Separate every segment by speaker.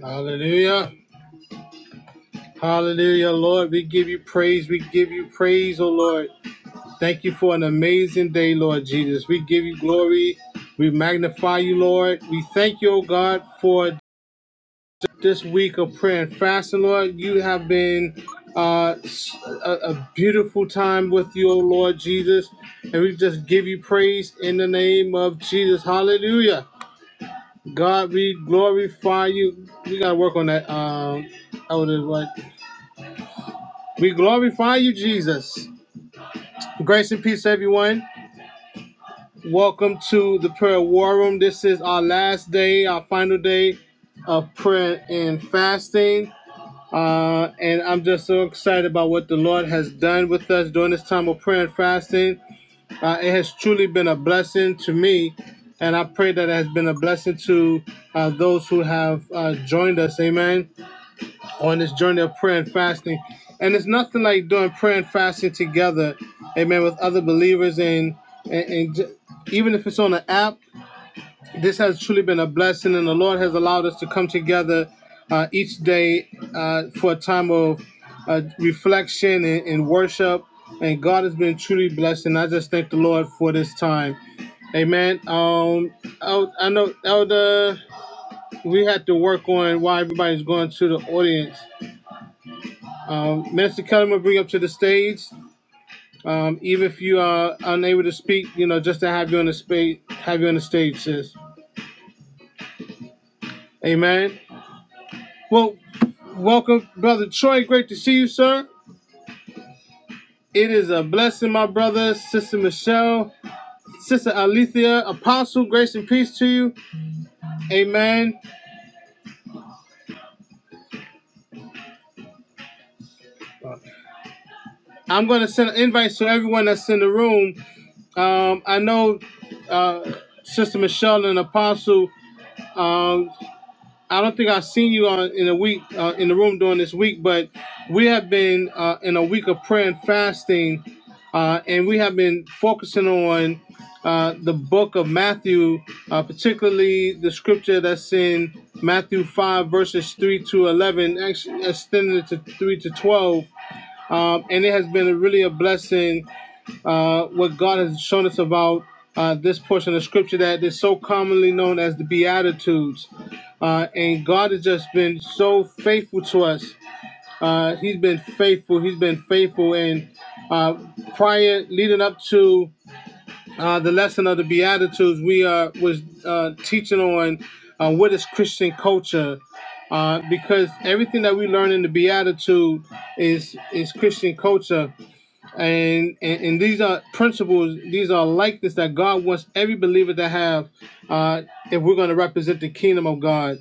Speaker 1: Hallelujah. Hallelujah, Lord. We give you praise. We give you praise, oh Lord. Thank you for an amazing day, Lord Jesus. We give you glory. We magnify you, Lord. We thank you, oh God, for this week of prayer and fasting, Lord. You have been uh, s- a, a beautiful time with you, oh Lord Jesus. And we just give you praise in the name of Jesus. Hallelujah. God, we glorify you. We got to work on that. Um, elder, like. We glorify you, Jesus. Grace and peace, everyone. Welcome to the prayer war room. This is our last day, our final day of prayer and fasting. Uh, and I'm just so excited about what the Lord has done with us during this time of prayer and fasting. Uh, it has truly been a blessing to me. And I pray that it has been a blessing to uh, those who have uh, joined us. Amen. on this journey of prayer and fasting. And it's nothing like doing prayer and fasting together, amen, with other believers. And, and, and even if it's on an app, this has truly been a blessing. And the Lord has allowed us to come together uh, each day uh, for a time of uh, reflection and, and worship. And God has been truly blessed. And I just thank the Lord for this time. Amen. Um, I, I know Elder, we had to work on why everybody's going to the audience. Um, Minister Kellerman will bring up to the stage. Um, even if you are unable to speak, you know, just to have you on the space, have you on the stage, sis. Amen. Well, welcome, brother Troy. Great to see you, sir. It is a blessing, my brother, sister Michelle, sister Alethea, apostle. Grace and peace to you. Amen. I'm going to send an invite to everyone that's in the room. Um, I know uh, sister Michelle and apostle. Um, I don't think I've seen you on in a week uh, in the room during this week, but we have been uh, in a week of prayer and fasting, uh, and we have been focusing on uh, the book of Matthew, uh, particularly the scripture that's in Matthew five verses three to eleven, actually extended to three to twelve, um, and it has been a, really a blessing uh, what God has shown us about uh, this portion of scripture that is so commonly known as the Beatitudes. Uh, and God has just been so faithful to us. Uh, he's been faithful. He's been faithful. And uh, prior, leading up to uh, the lesson of the Beatitudes, we uh, was uh, teaching on uh, what is Christian culture uh, because everything that we learn in the Beatitude is is Christian culture and, and and these are principles these are likeness that god wants every believer to have uh if we're going to represent the kingdom of god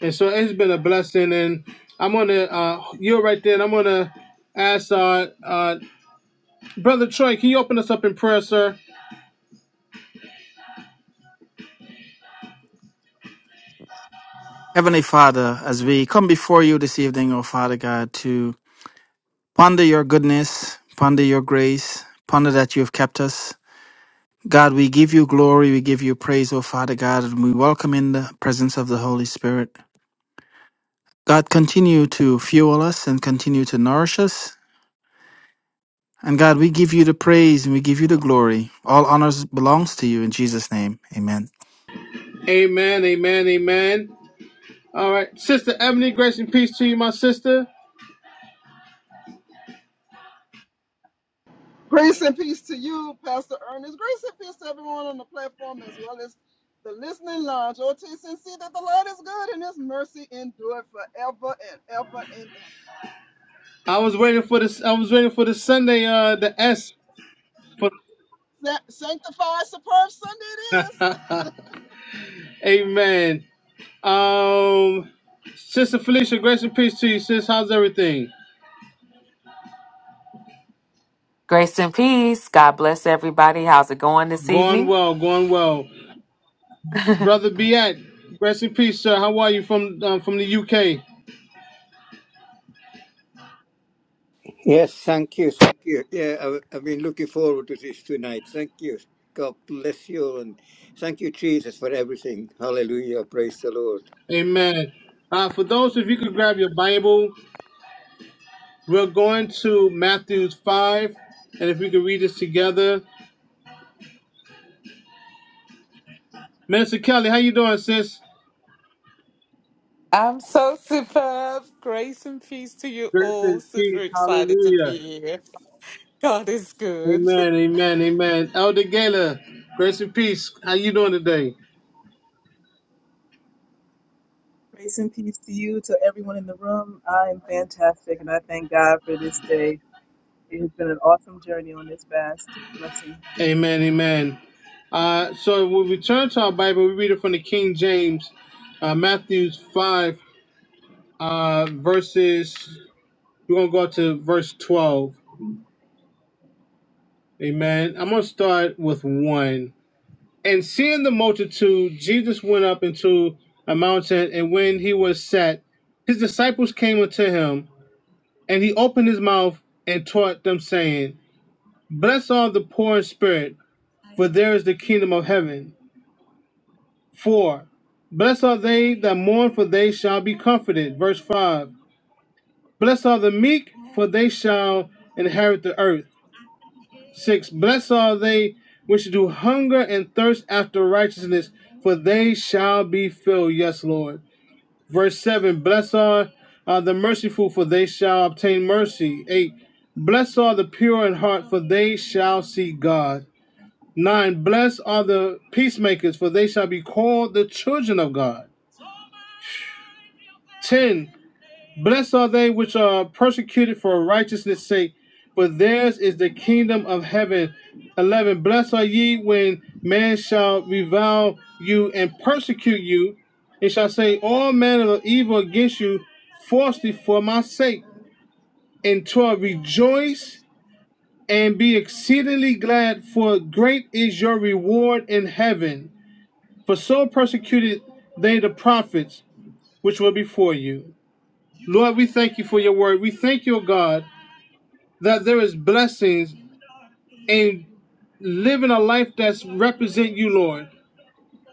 Speaker 1: and so it's been a blessing and i'm gonna uh you're right there and i'm gonna ask uh uh brother troy can you open us up in prayer sir
Speaker 2: Heavenly Father, as we come before you this evening, O Father God, to ponder your goodness, ponder your grace, ponder that you have kept us. God, we give you glory, we give you praise, O Father God, and we welcome in the presence of the Holy Spirit. God, continue to fuel us and continue to nourish us. And God, we give you the praise and we give you the glory. All honors belongs to you in Jesus' name. Amen.
Speaker 1: amen amen amen all right sister ebony grace and peace to you my sister
Speaker 3: Grace and peace to you, Pastor Ernest. Grace and peace to everyone on the platform as well as the listening lounge. Oh, taste and see that the Lord is good and his mercy endure forever and ever and
Speaker 1: i was waiting for this i was waiting for the sunday uh the s for
Speaker 3: ever. Sa- Sanctified, superb Sunday it is.
Speaker 1: amen Um, Sister Felicia, grace and peace to you, sis. How's everything?
Speaker 4: Grace and peace. God bless everybody. How's it going this
Speaker 1: Going
Speaker 4: evening?
Speaker 1: well, going well.
Speaker 4: the
Speaker 1: Brother Biat, grace and peace, sir. How are you from um, from the UK?
Speaker 5: Yes, thank you, thank you. Yeah, I, I've been looking forward to this tonight. Thank you. God bless you, and thank you, Jesus, for everything. Hallelujah. Praise the Lord.
Speaker 1: Amen. Uh, for those, if you could grab your Bible, we're going to Matthew five, and if we could read this together. Minister Kelly, how you doing, sis?
Speaker 6: I'm so superb. Grace and peace to you
Speaker 1: Grace and
Speaker 6: all. Super
Speaker 1: peace.
Speaker 6: excited to be
Speaker 1: Hallelujah.
Speaker 6: here. God is good.
Speaker 1: Amen. Amen. Amen. Elder Gala, grace and peace. How you doing today?
Speaker 7: Grace and peace to you, to everyone in the room. I am fantastic, and I thank God for this day. It has been an awesome journey on this fast. Blessings.
Speaker 1: Amen, amen. Uh, so we return to our Bible. We read it from the King James, uh, Matthew 5, uh, verses, we're going to go up to verse 12. Amen. I'm going to start with 1. And seeing the multitude, Jesus went up into a mountain, and when he was set, his disciples came unto him, and he opened his mouth and taught them, saying, Blessed are the poor in spirit, for there is the kingdom of heaven. 4. Blessed are they that mourn, for they shall be comforted. Verse 5. Blessed are the meek, for they shall inherit the earth. 6. Blessed are they which do hunger and thirst after righteousness, for they shall be filled. Yes, Lord. Verse 7. Blessed are, are the merciful, for they shall obtain mercy. 8. Blessed are the pure in heart, for they shall see God. 9. Blessed are the peacemakers, for they shall be called the children of God. 10. Blessed are they which are persecuted for righteousness' sake, for theirs is the kingdom of heaven. 11. Blessed are ye when men shall revile you and persecute you, and shall say all manner of evil against you falsely for my sake. And 12. Rejoice and be exceedingly glad, for great is your reward in heaven. For so persecuted they the prophets which were before you. Lord, we thank you for your word. We thank you, O God that there is blessings in living a life that's represent you, Lord.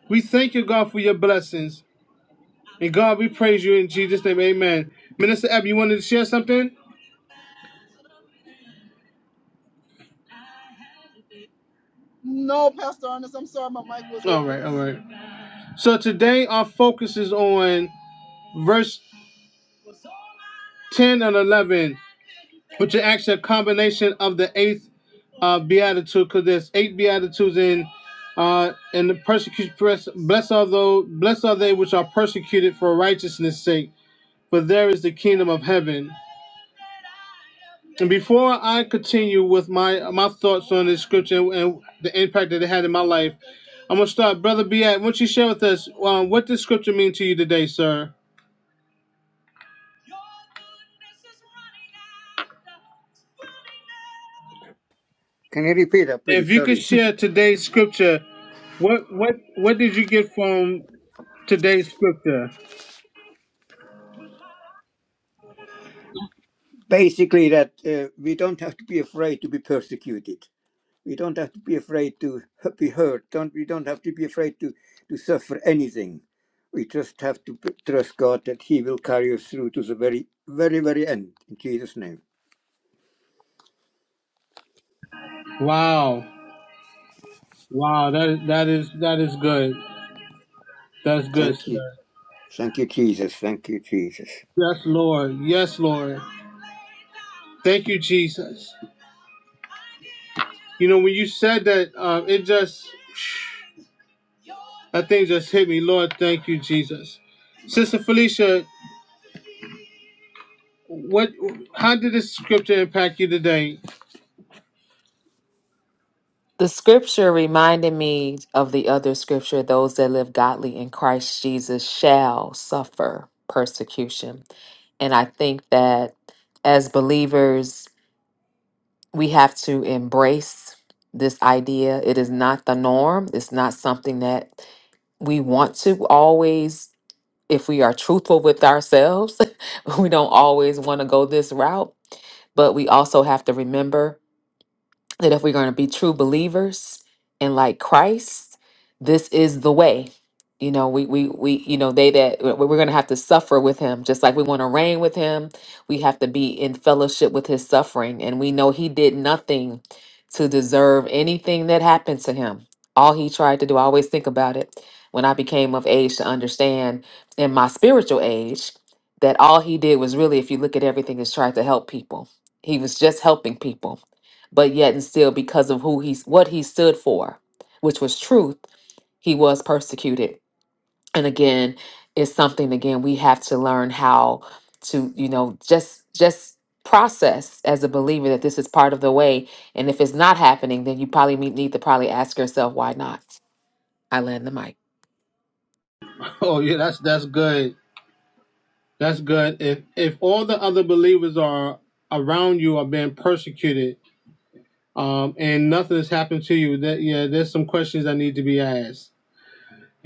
Speaker 1: We thank you, God, for your blessings. And God, we praise you in Jesus' name. Amen. Minister Ebb, you wanted to share something?
Speaker 3: No, Pastor Ernest, I'm sorry my mic was
Speaker 1: All
Speaker 3: open.
Speaker 1: right, all right. So today our focus is on verse 10 and 11, which are actually a combination of the eighth uh, beatitude, because there's eight beatitudes in uh, and the persecution. press blessed are those blessed are they which are persecuted for righteousness sake for there is the kingdom of heaven. And before I continue with my my thoughts on this scripture and the impact that it had in my life, I'm gonna start, brother. Be at. Won't you share with us um, what this scripture mean to you today, sir?
Speaker 5: Can you repeat that,
Speaker 1: If
Speaker 5: please?
Speaker 1: you could
Speaker 5: Sorry.
Speaker 1: share today's scripture, what what what did you get from today's scripture?
Speaker 5: Basically, that uh, we don't have to be afraid to be persecuted. We don't have to be afraid to h- be hurt. Don't we? Don't have to be afraid to to suffer anything. We just have to p- trust God that He will carry us through to the very, very, very end. In Jesus' name.
Speaker 1: Wow, wow, that that is that is good. That's good,
Speaker 5: Thank
Speaker 1: sir.
Speaker 5: you. Thank you, Jesus. Thank you, Jesus.
Speaker 1: Yes, Lord. Yes, Lord. Thank you, Jesus. You know, when you said that, uh, it just That thing just hit me. Lord, thank you, Jesus. Sister Felicia, what? How did this scripture impact you today?
Speaker 4: scripture reminded me of the other scripture those that live godly in Christ Jesus shall suffer persecution. And I think that as believers, we have to embrace this idea. It is not the norm, it's not something that we want to always, if we are truthful with ourselves, we don't always want to go this route But we also have to remember that if we're going to be true believers and like Christ, this is the way. You know, we we we you know they that we- we're going to have to suffer with him, just like we want to reign with him. We have to be in fellowship with his suffering, and we know he did nothing to deserve anything that happened to him. All he tried to do, I always think about it when I became of age to understand in my spiritual age that all he did was really, if you look at everything, is try to help people. He was just helping people but yet and still because of who he's what he stood for which was truth he was persecuted and again it's something again we have to learn how to you know just just process as a believer that this is part of the way and if it's not happening then you probably me- need to probably ask yourself why not i land the mic
Speaker 1: Oh yeah, that's that's good. That's good. If if all the other believers are around you are being persecuted, um, and nothing has happened to you, that yeah, there's some questions that need to be asked.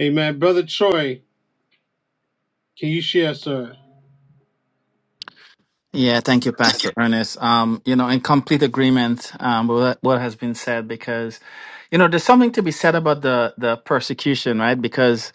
Speaker 1: Amen. Brother Troy, can you share, sir?
Speaker 2: Yeah, thank you, Pastor Ernest. Um, you know, in complete agreement um, with what what has been said, because, you know, there's something to be said about the the persecution, right? Because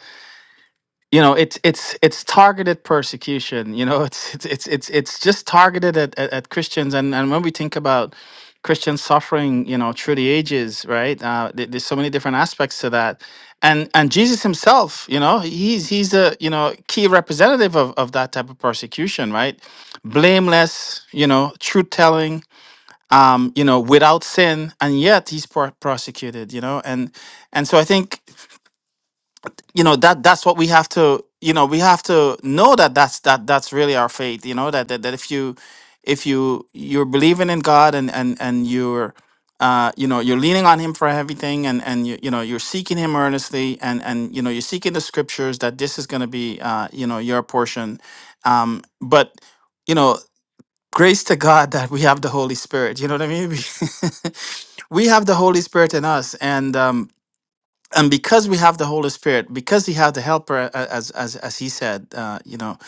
Speaker 2: you know it's it's it's targeted persecution you know it's it's it's it's, it's just targeted at, at, at christians and and when we think about christians suffering you know through the ages right uh, there- there's so many different aspects to that and and jesus himself you know he's he's a you know key representative of, of that type of persecution right blameless you know truth telling um you know without sin and yet he's pro- prosecuted you know and and so i think you know that that's what we have to you know we have to know that that's that that's really our faith you know that that, that if you if you you're believing in god and and and you're uh, you know you're leaning on him for everything and and you, you know you're seeking him earnestly and and you know you're seeking the scriptures that this is going to be uh, you know your portion um, but you know grace to god that we have the holy spirit you know what i mean we have the holy spirit in us and um, and because we have the Holy Spirit, because He have the Helper, a- a- as as as He said, uh, you know,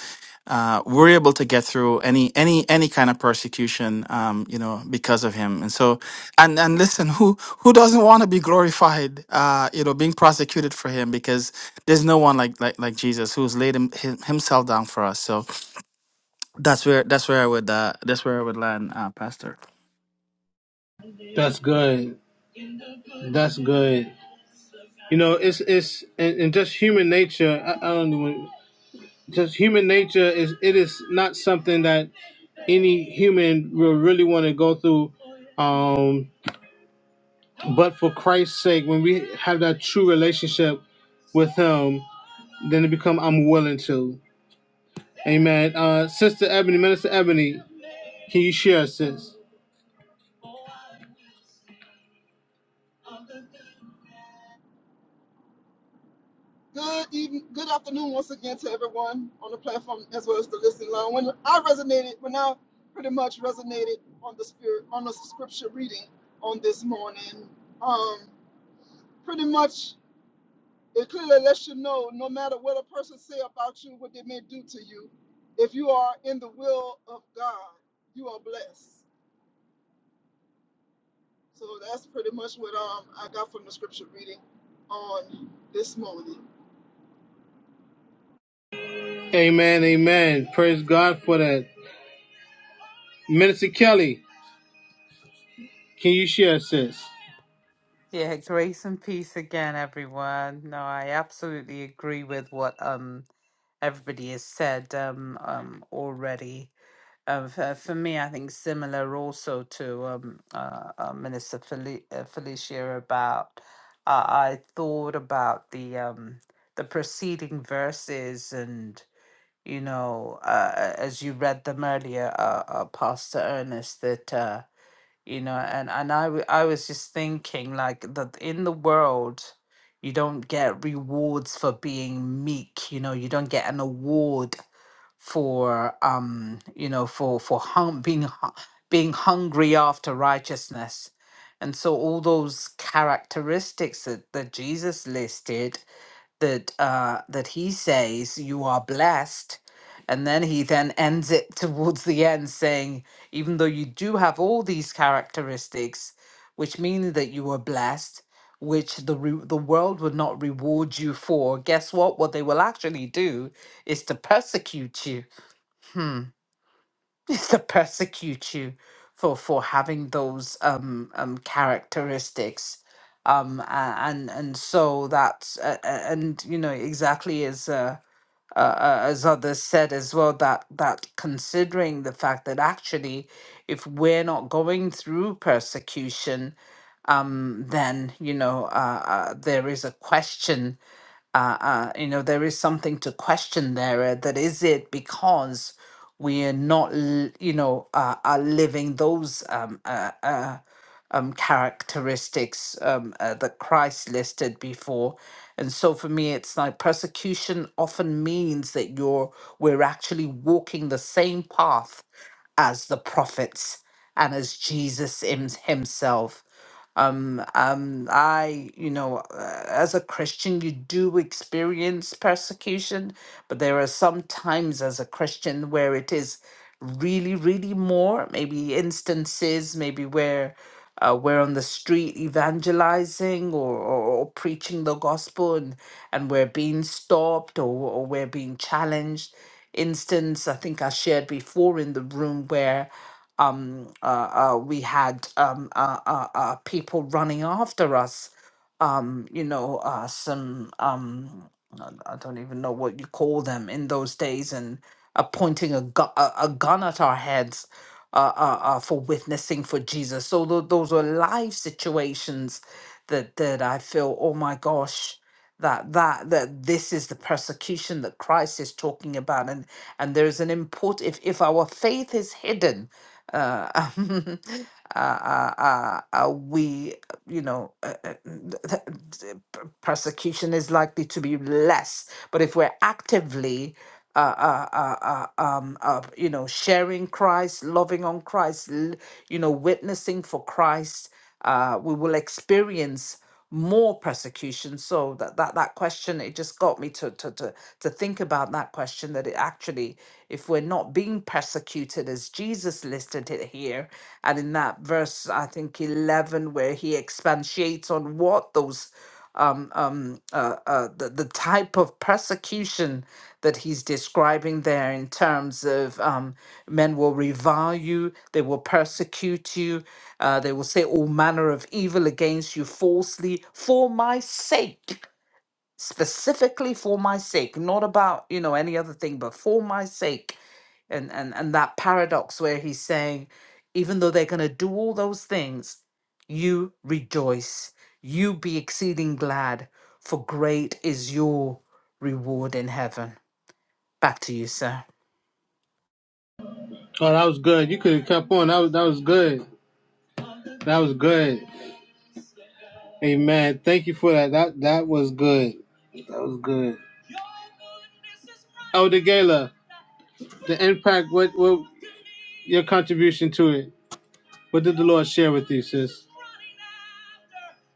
Speaker 2: uh, we're able to get through any any any kind of persecution, um, you know, because of Him. And so, and and listen, who who doesn't want to be glorified, uh, you know, being prosecuted for Him? Because there's no one like like like Jesus who's laid him, him, Himself down for us. So that's where that's where I would uh, that's where I would land, uh, Pastor.
Speaker 1: That's good. That's good. You know, it's it's and, and just human nature. I, I don't know. because human nature is it is not something that any human will really want to go through um but for christ's sake when we have that true relationship with him then it become i'm willing to amen uh sister ebony minister ebony can you share sis
Speaker 3: Good even, good afternoon once again to everyone on the platform as well as the listening line. When I resonated, when I pretty much resonated on the spirit, on the scripture reading on this morning, um, pretty much It clearly lets you know, no matter what a person say about you, what they may do to you, if you are in the will of God, you are blessed. So that's pretty much what um, I got from the scripture reading on this morning.
Speaker 1: amen amen praise god for that minister kelly can you share sis
Speaker 6: Yeah, grace and peace again, everyone. No, I absolutely agree with what um everybody has said um um already. Um, for, for me, I think similar also to um uh, uh Minister Fel- uh, Felicia about uh, I thought about the um the preceding verses and. you know, uh, as you read them earlier, uh, uh, Pastor Ernest, that uh, you know, and and I w- I was just thinking like that in the world, you don't get rewards for being meek. You know, you don't get an award for um, you know, for for hung being hu- being hungry after righteousness. And so all those characteristics that, that Jesus listed that uh, that he says you are blessed and then he then ends it towards the end saying even though you do have all these characteristics which mean that you are blessed which the re- the world would not reward you for guess what what they will actually do is to persecute you Hmm. is to persecute you for for having those um um characteristics um a- and and so that's uh, uh, and you know exactly as uh, uh uh, as others said as well that that considering the fact that actually if we're not going through persecution then you know uh, uh, there is a question uh, uh, you know there is something to question there uh, that is it because we are not l- you know uh, are living those um, uh, uh, um, characteristics um, uh, that christ listed before and so for me it's like persecution often means that you're we're actually walking the same path as the prophets and as jesus him- himself um, um, I, you know, uh, as a Christian, you do experience persecution, but there are some times as a Christian where it is really, really more. Maybe instances, maybe where uh, we're on the street evangelizing or, or, or preaching the gospel and, and we're being stopped or, or we're being challenged. Instance, I think I shared before in the room where um, uh, uh, we had um, uh, uh, uh, people running after us. Um, you know, uh, some um, I I don't even know what you call them in those days, and uh, pointing a, gu- a, a gun at our heads uh, uh, uh, for witnessing for Jesus. So tho- those were live situations that that I feel, oh my gosh that that that this is the persecution that Christ is talking about and and there is an import if if our faith is hidden uh, uh, uh, uh, uh, we you know uh, uh, th- th- th- p- persecution is likely to be less but if we're actively uh, uh, uh, uh, um, uh, you know sharing Christ loving on Christ l- you know witnessing for Christ uh, we will experience more persecution so that that, that question it just got me to, to to to think about that question that it actually if we're not being persecuted as jesus listed it here and in that verse i think 11 where he expatiates on what those um, um, uh, uh, the, the type of persecution that he's describing there in terms of um, men will revile you, they will persecute you, uh, they will say all manner of evil against you falsely for my sake, specifically for my sake, not about, you know, any other thing, but for my sake and and and that paradox where he's saying even though they're going to do all those things you rejoice you be exceeding glad for great is your reward in heaven back to you sir
Speaker 1: oh that was good you could have kept on that was that was good that was good Amen. Thank you for that. That that was good. That was good. Elder Gala, the impact. What what your contribution to it? What did the Lord share with you, sis?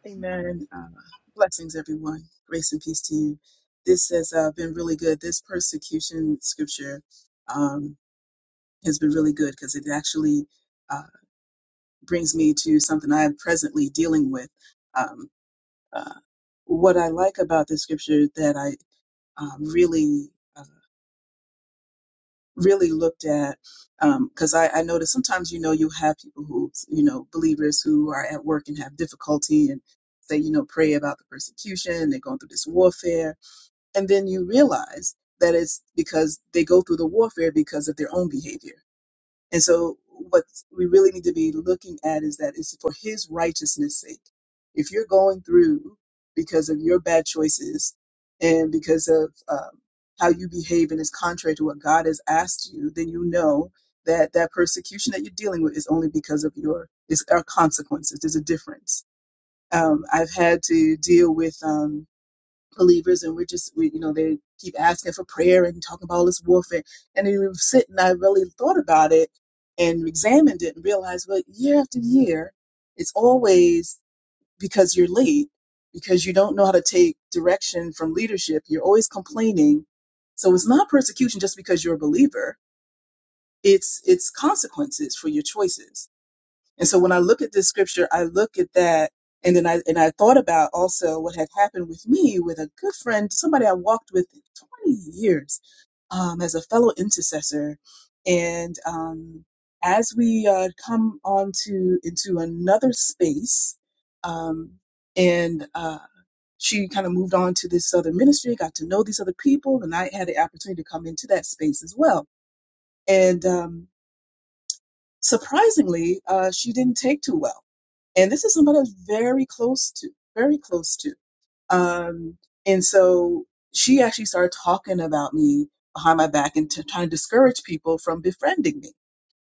Speaker 7: Amen. Uh, blessings, everyone. Grace and peace to you. This has uh, been really good. This persecution scripture um, has been really good because it actually uh, brings me to something I am presently dealing with. Um, uh, what I like about this scripture that I um, really uh, really looked at because I, I noticed sometimes you know you have people who you know believers who are at work and have difficulty and say you know pray about the persecution they're going through this warfare and then you realize that it's because they go through the warfare because of their own behavior and so, what we really need to be looking at is that it's for His righteousness' sake. If you're going through because of your bad choices and because of um, how you behave and is contrary to what God has asked you, then you know that that persecution that you're dealing with is only because of your is our consequences. There's a difference. Um, I've had to deal with. Um, believers and we're just we, you know they keep asking for prayer and talking about all this warfare and then we were sitting i really thought about it and examined it and realized well year after year it's always because you're late because you don't know how to take direction from leadership you're always complaining so it's not persecution just because you're a believer it's it's consequences for your choices and so when I look at this scripture, I look at that and then I and I thought about also what had happened with me with a good friend, somebody I walked with 20 years um, as a fellow intercessor. And um, as we uh, come on to into another space, um, and uh, she kind of moved on to this other ministry, got to know these other people, and I had the opportunity to come into that space as well. And um, surprisingly, uh, she didn't take too well and this is somebody I was very close to, very close to. Um, and so she actually started talking about me behind my back and t- trying to discourage people from befriending me.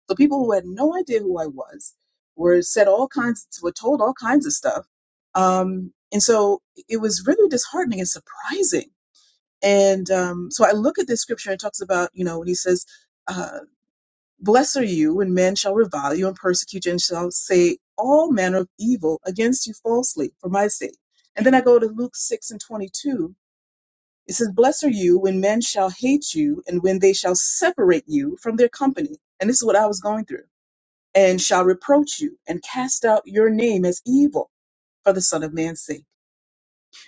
Speaker 7: So people who had no idea who I was were said all kinds, were told all kinds of stuff. Um, and so it was really disheartening and surprising. And um, so I look at this scripture and it talks about, you know, when he says, uh, Blessed are you when men shall revile you and persecute you and shall say all manner of evil against you falsely for my sake. And then I go to Luke 6 and 22. It says, Blessed are you when men shall hate you and when they shall separate you from their company. And this is what I was going through. And shall reproach you and cast out your name as evil for the Son of Man's sake.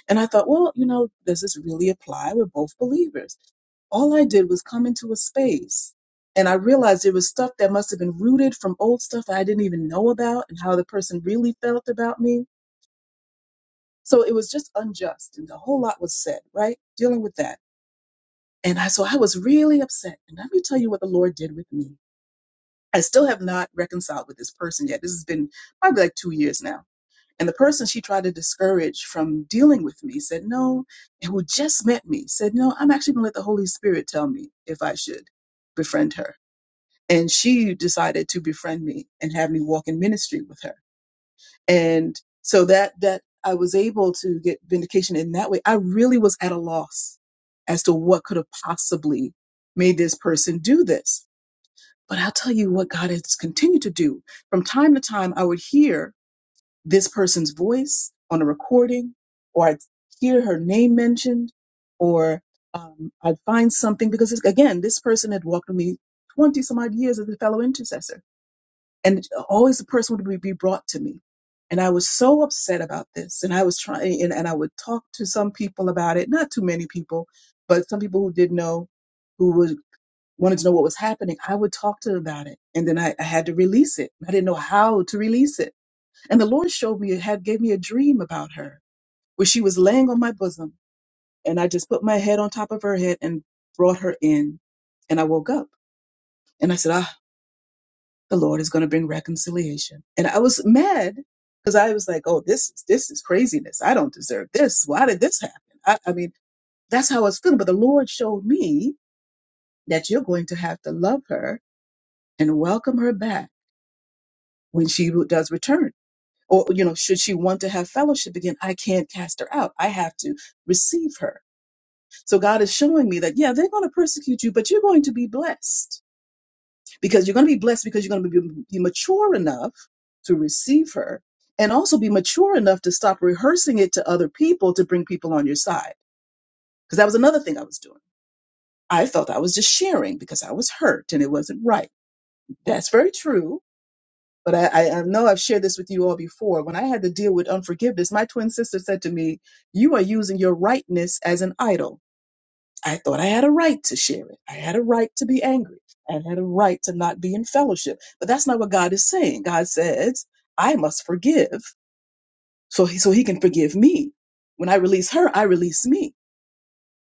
Speaker 7: And I thought, well, you know, does this really apply? We're both believers all I did was come into a space and I realized there was stuff that must have been rooted from old stuff I didn't even know about and how the person really felt about me. So it was just unjust and a whole lot was said, right? Dealing with that. And I, so I was really upset. And let me tell you what the Lord did with me. I still have not reconciled with this person yet. This has been probably like two years now. And the person she tried to discourage from dealing with me said, no, and who just met me said, no, I'm actually going to let the Holy Spirit tell me if I should befriend her. and she decided to befriend me and have me walk in ministry with her and so that that i was able to get vindication in that way i really was at a loss as to what could have possibly made this person do this but i'll tell you what god has continued to do from time to time i would hear this person's voice on a recording or i'd hear her name mentioned or um, i'd find something because it's- again this person had walked with me 20 some odd years as a fellow intercessor and always the person would be be brought to me. And I was so upset about this. And I was trying, and, and I would talk to some people about it, not too many people, but some people who did know, who would, wanted to know what was happening. I would talk to them about it. And then I, I had to release it. I didn't know how to release it. And the Lord showed me, had gave me a dream about her where she was laying on my bosom. And I just put my head on top of her head and brought her in. And I woke up and I said, ah the Lord is going to bring reconciliation. And I was mad because I was like, oh, this is this is craziness. I don't deserve this. Why did this happen? I, I mean, that's how I was feeling. But the Lord showed me that you're going to have to love her and welcome her back when she does return. Or, you know, should she want to have fellowship again, I can't cast her out. I have to receive her. So God is showing me that, yeah, they're going to persecute you, but you're going to be blessed because you're going to be blessed because you're going to be, be mature enough to receive her and also be mature enough to stop rehearsing it to other people to bring people on your side. Because that was another thing I was doing. I felt I was just sharing because I was hurt and it wasn't right. That's very true. But I, I I know I've shared this with you all before. When I had to deal with unforgiveness, my twin sister said to me, You are using your rightness as an idol. I thought I had a right to share it. I had a right to be angry. I had a right to not be in fellowship. But that's not what God is saying. God says, I must forgive so he, so he can forgive me. When I release her, I release me.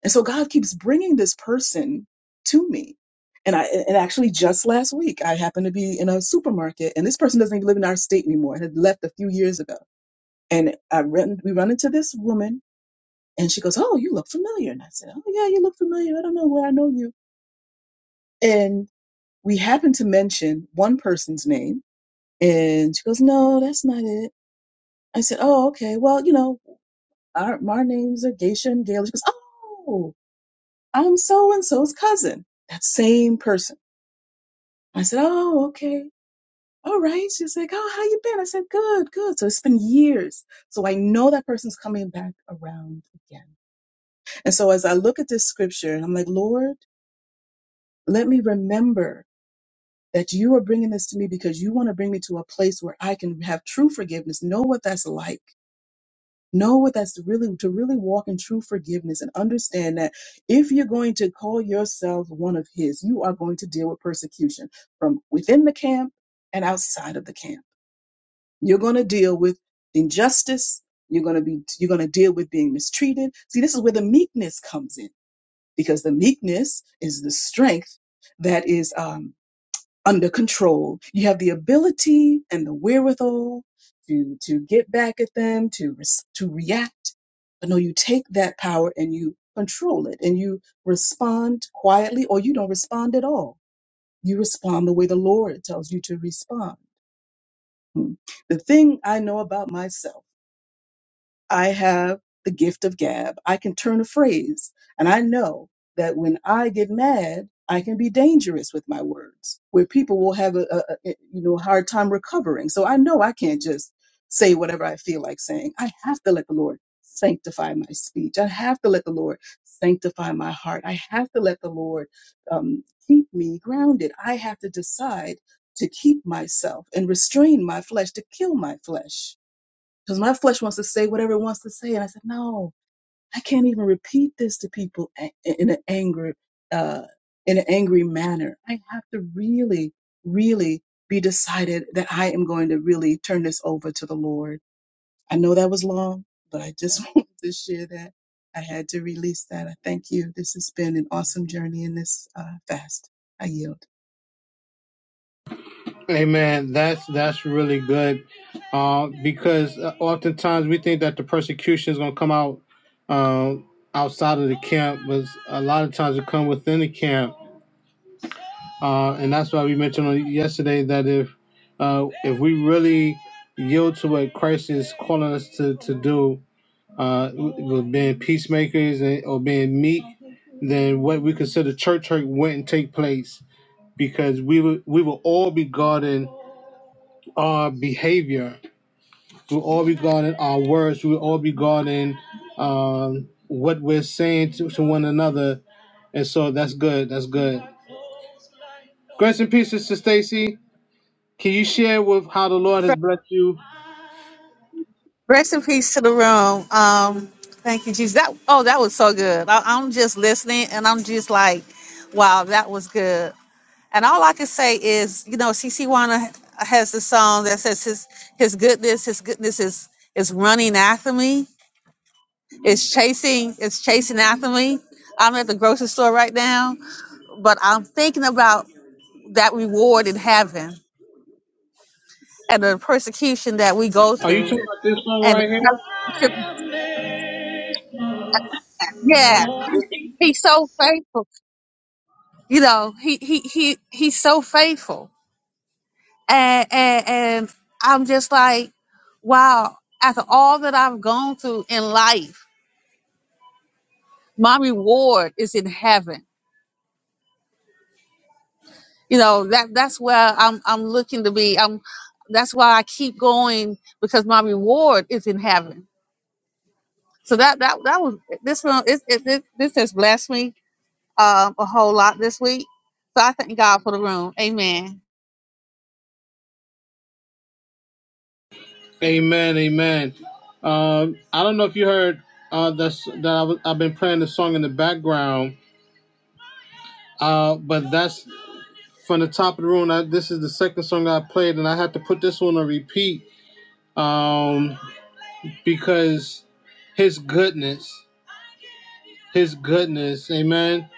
Speaker 7: And so God keeps bringing this person to me. And I and actually just last week I happened to be in a supermarket and this person doesn't even live in our state anymore. Had left a few years ago. And I run we run into this woman and she goes, "Oh, you look familiar." And I said, "Oh yeah, you look familiar. I don't know where I know you." we happened to mention one person's name, and she goes, "No, that's not it." I said, "Oh, okay. Well, you know, our, our names are Geisha and Gayle." She goes, "Oh, I'm so and so's cousin." That same person. I said, "Oh, okay." All right. She's like, "Oh, how you been?" I said, "Good, good." So it's been years. So I know that person's coming back around again. And so as I look at this scripture, and I'm like, "Lord, let me remember that you are bringing this to me because you want to bring me to a place where I can have true forgiveness, know what that's like. Know what that's really to really walk in true forgiveness and understand that if you're going to call yourself one of his, you are going to deal with persecution from within the camp and outside of the camp. You're going to deal with injustice. You're going to be you're going to deal with being mistreated. See, this is where the meekness comes in because the meekness is the strength that is um, under control. You have the ability and the wherewithal to to get back at them, to res- to react. But no, you take that power and you control it, and you respond quietly, or you don't respond at all. You respond the way the Lord tells you to respond. Hmm. The thing I know about myself. I have the gift of gab. I can turn a phrase. And I know that when I get mad, I can be dangerous with my words, where people will have a, a, a eh, you know hard time recovering. So I know I can't just say whatever I feel like saying. I have to let the Lord sanctify my speech. I have to let the Lord sanctify my heart. I have to let the Lord um, keep me grounded. I have to decide to keep myself and restrain my flesh, to kill my flesh because my flesh wants to say whatever it wants to say. And I said, no, I can't even repeat this to people a- in an angry, uh, in an angry manner. I have to really, really be decided that I am going to really turn this over to the Lord. I know that was long, but I just wanted to share that. I had to release that. I thank you. This has been an awesome journey in this uh, fast. I yield.
Speaker 1: Amen. That's that's really good, uh, because uh, oftentimes we think that the persecution is going to come out um, outside of the camp, but a lot of times it come within the camp, uh, and that's why we mentioned on yesterday that if uh, if we really yield to what Christ is calling us to to do, uh, with being peacemakers and, or being meek than what we consider church hurt wouldn't take place because we would we will all be guarding our behavior. We'll all be guarding our words. We'll all be guarding um, what we're saying to, to one another. And so that's good. That's good. Grace and peace, Sister Stacy. Can you share with how the Lord has blessed you?
Speaker 8: Rest in peace to the room. Um, thank you, Jesus. That oh, that was so good. I, I'm just listening, and I'm just like, wow, that was good. And all I can say is, you know, CC Wanna has the song that says his his goodness, his goodness is is running after me. It's chasing, it's chasing after me. I'm at the grocery store right now, but I'm thinking about that reward in heaven and the persecution that we go
Speaker 1: Are you
Speaker 8: through
Speaker 1: talking about this song
Speaker 8: and
Speaker 1: right here?
Speaker 8: the yeah He's so faithful. You know, he he he he's so faithful. And and and I'm just like, wow, after all that I've gone through in life, my reward is in heaven. You know, that that's where I'm I'm looking to be. I'm that's why I keep going because my reward is in heaven. So that that that was this room it, it, it this has blessed me um a whole lot this week. So I thank God for the room. Amen.
Speaker 1: Amen, amen. Um, I don't know if you heard uh, that's that I w- I've been playing the song in the background, uh, but that's from the top of the room. I, this is the second song I played, and I had to put this one on repeat um, because His goodness, His goodness, Amen.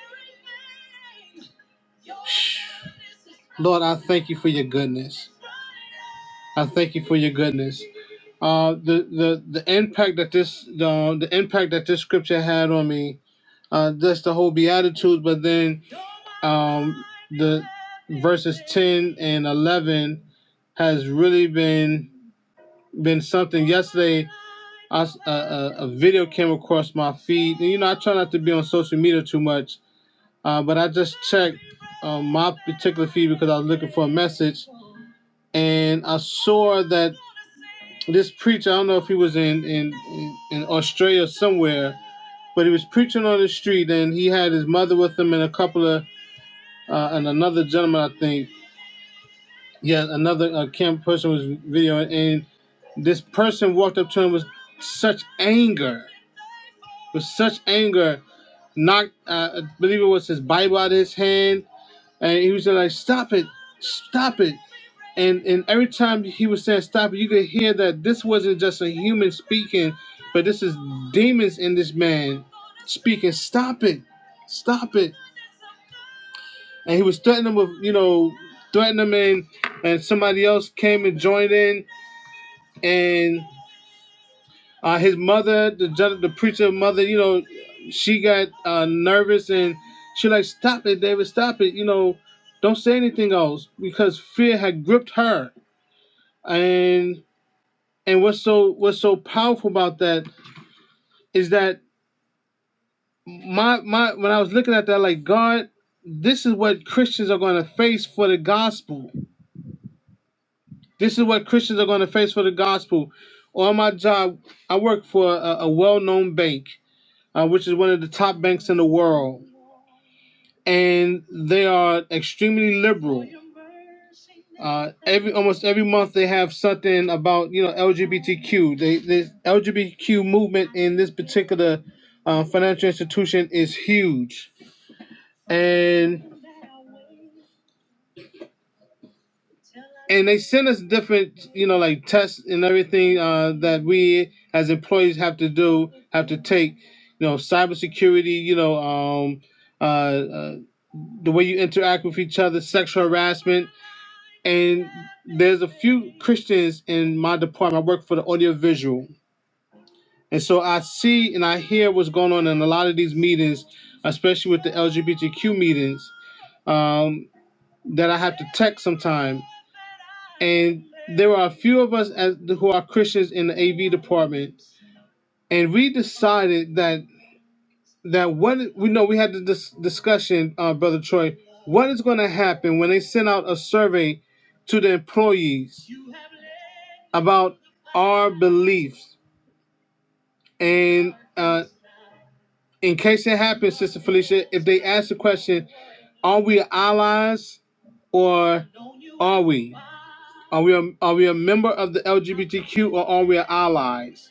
Speaker 1: Lord, I thank you for your goodness. I thank you for your goodness. Uh, the the the impact that this the, the impact that this scripture had on me, uh, just the whole beatitudes, but then um, the verses 10 and 11 has really been been something yesterday I s a a a video came across my feed and you know i try not to be on social media too much uh, but i just checked um, my particular feed because i was looking for a message and i saw that this preacher i don't know if he was in in in australia or somewhere but he was preaching on the street and he had his mother with him and a couple of uh, and another gentleman i think Yeah, another uh, camp person was videoing, and this person walked up to him with such anger, with such anger, knocked, uh, I believe it was his Bible out of his hand, and he was like, "Stop it, stop it!" And and every time he was saying "stop it," you could hear that this wasn't just a human speaking, but this is demons in this man speaking. Stop it, stop it! And he was threatening him with, you know, threatening him, and and somebody else came and joined in and uh, his mother, the judge, the preacher mother, you know, she got uh, nervous and she like, "Stop it, David, stop it! You know, don't say anything else," because fear had gripped her. And and what's so what's so powerful about that is that my my when I was looking at that, like God, this is what Christians are going to face for the gospel. This is what Christians are going to face for the gospel. On my job, I work for a, a well-known bank, uh, which is one of the top banks in the world, and they are extremely liberal. Uh, every almost every month they have something about you know LGBTQ. They the LGBTQ movement in this particular uh, financial institution is huge, and and they send us different you know like tests and everything uh, that we as employees have to do have to take. You know, cybersecurity. You know, um, uh, uh, the way you interact with each other, sexual harassment and there's a few Christians in my department. I work for the audiovisual, and so I see and I hear what's going on in a lot of these meetings, especially with the LGBTQ meetings. Um, that I have to text sometime, and there are a few of us as, who are Christians in the AV department, and we decided that that what we know we had the dis- discussion, uh, brother Troy. What is going to happen when they send out a survey to the employees? about our beliefs. And uh, in case it happens, Sister Felicia, if they ask the question, are we allies or are we? Are we a, are we a member of the LGBTQ or are we allies?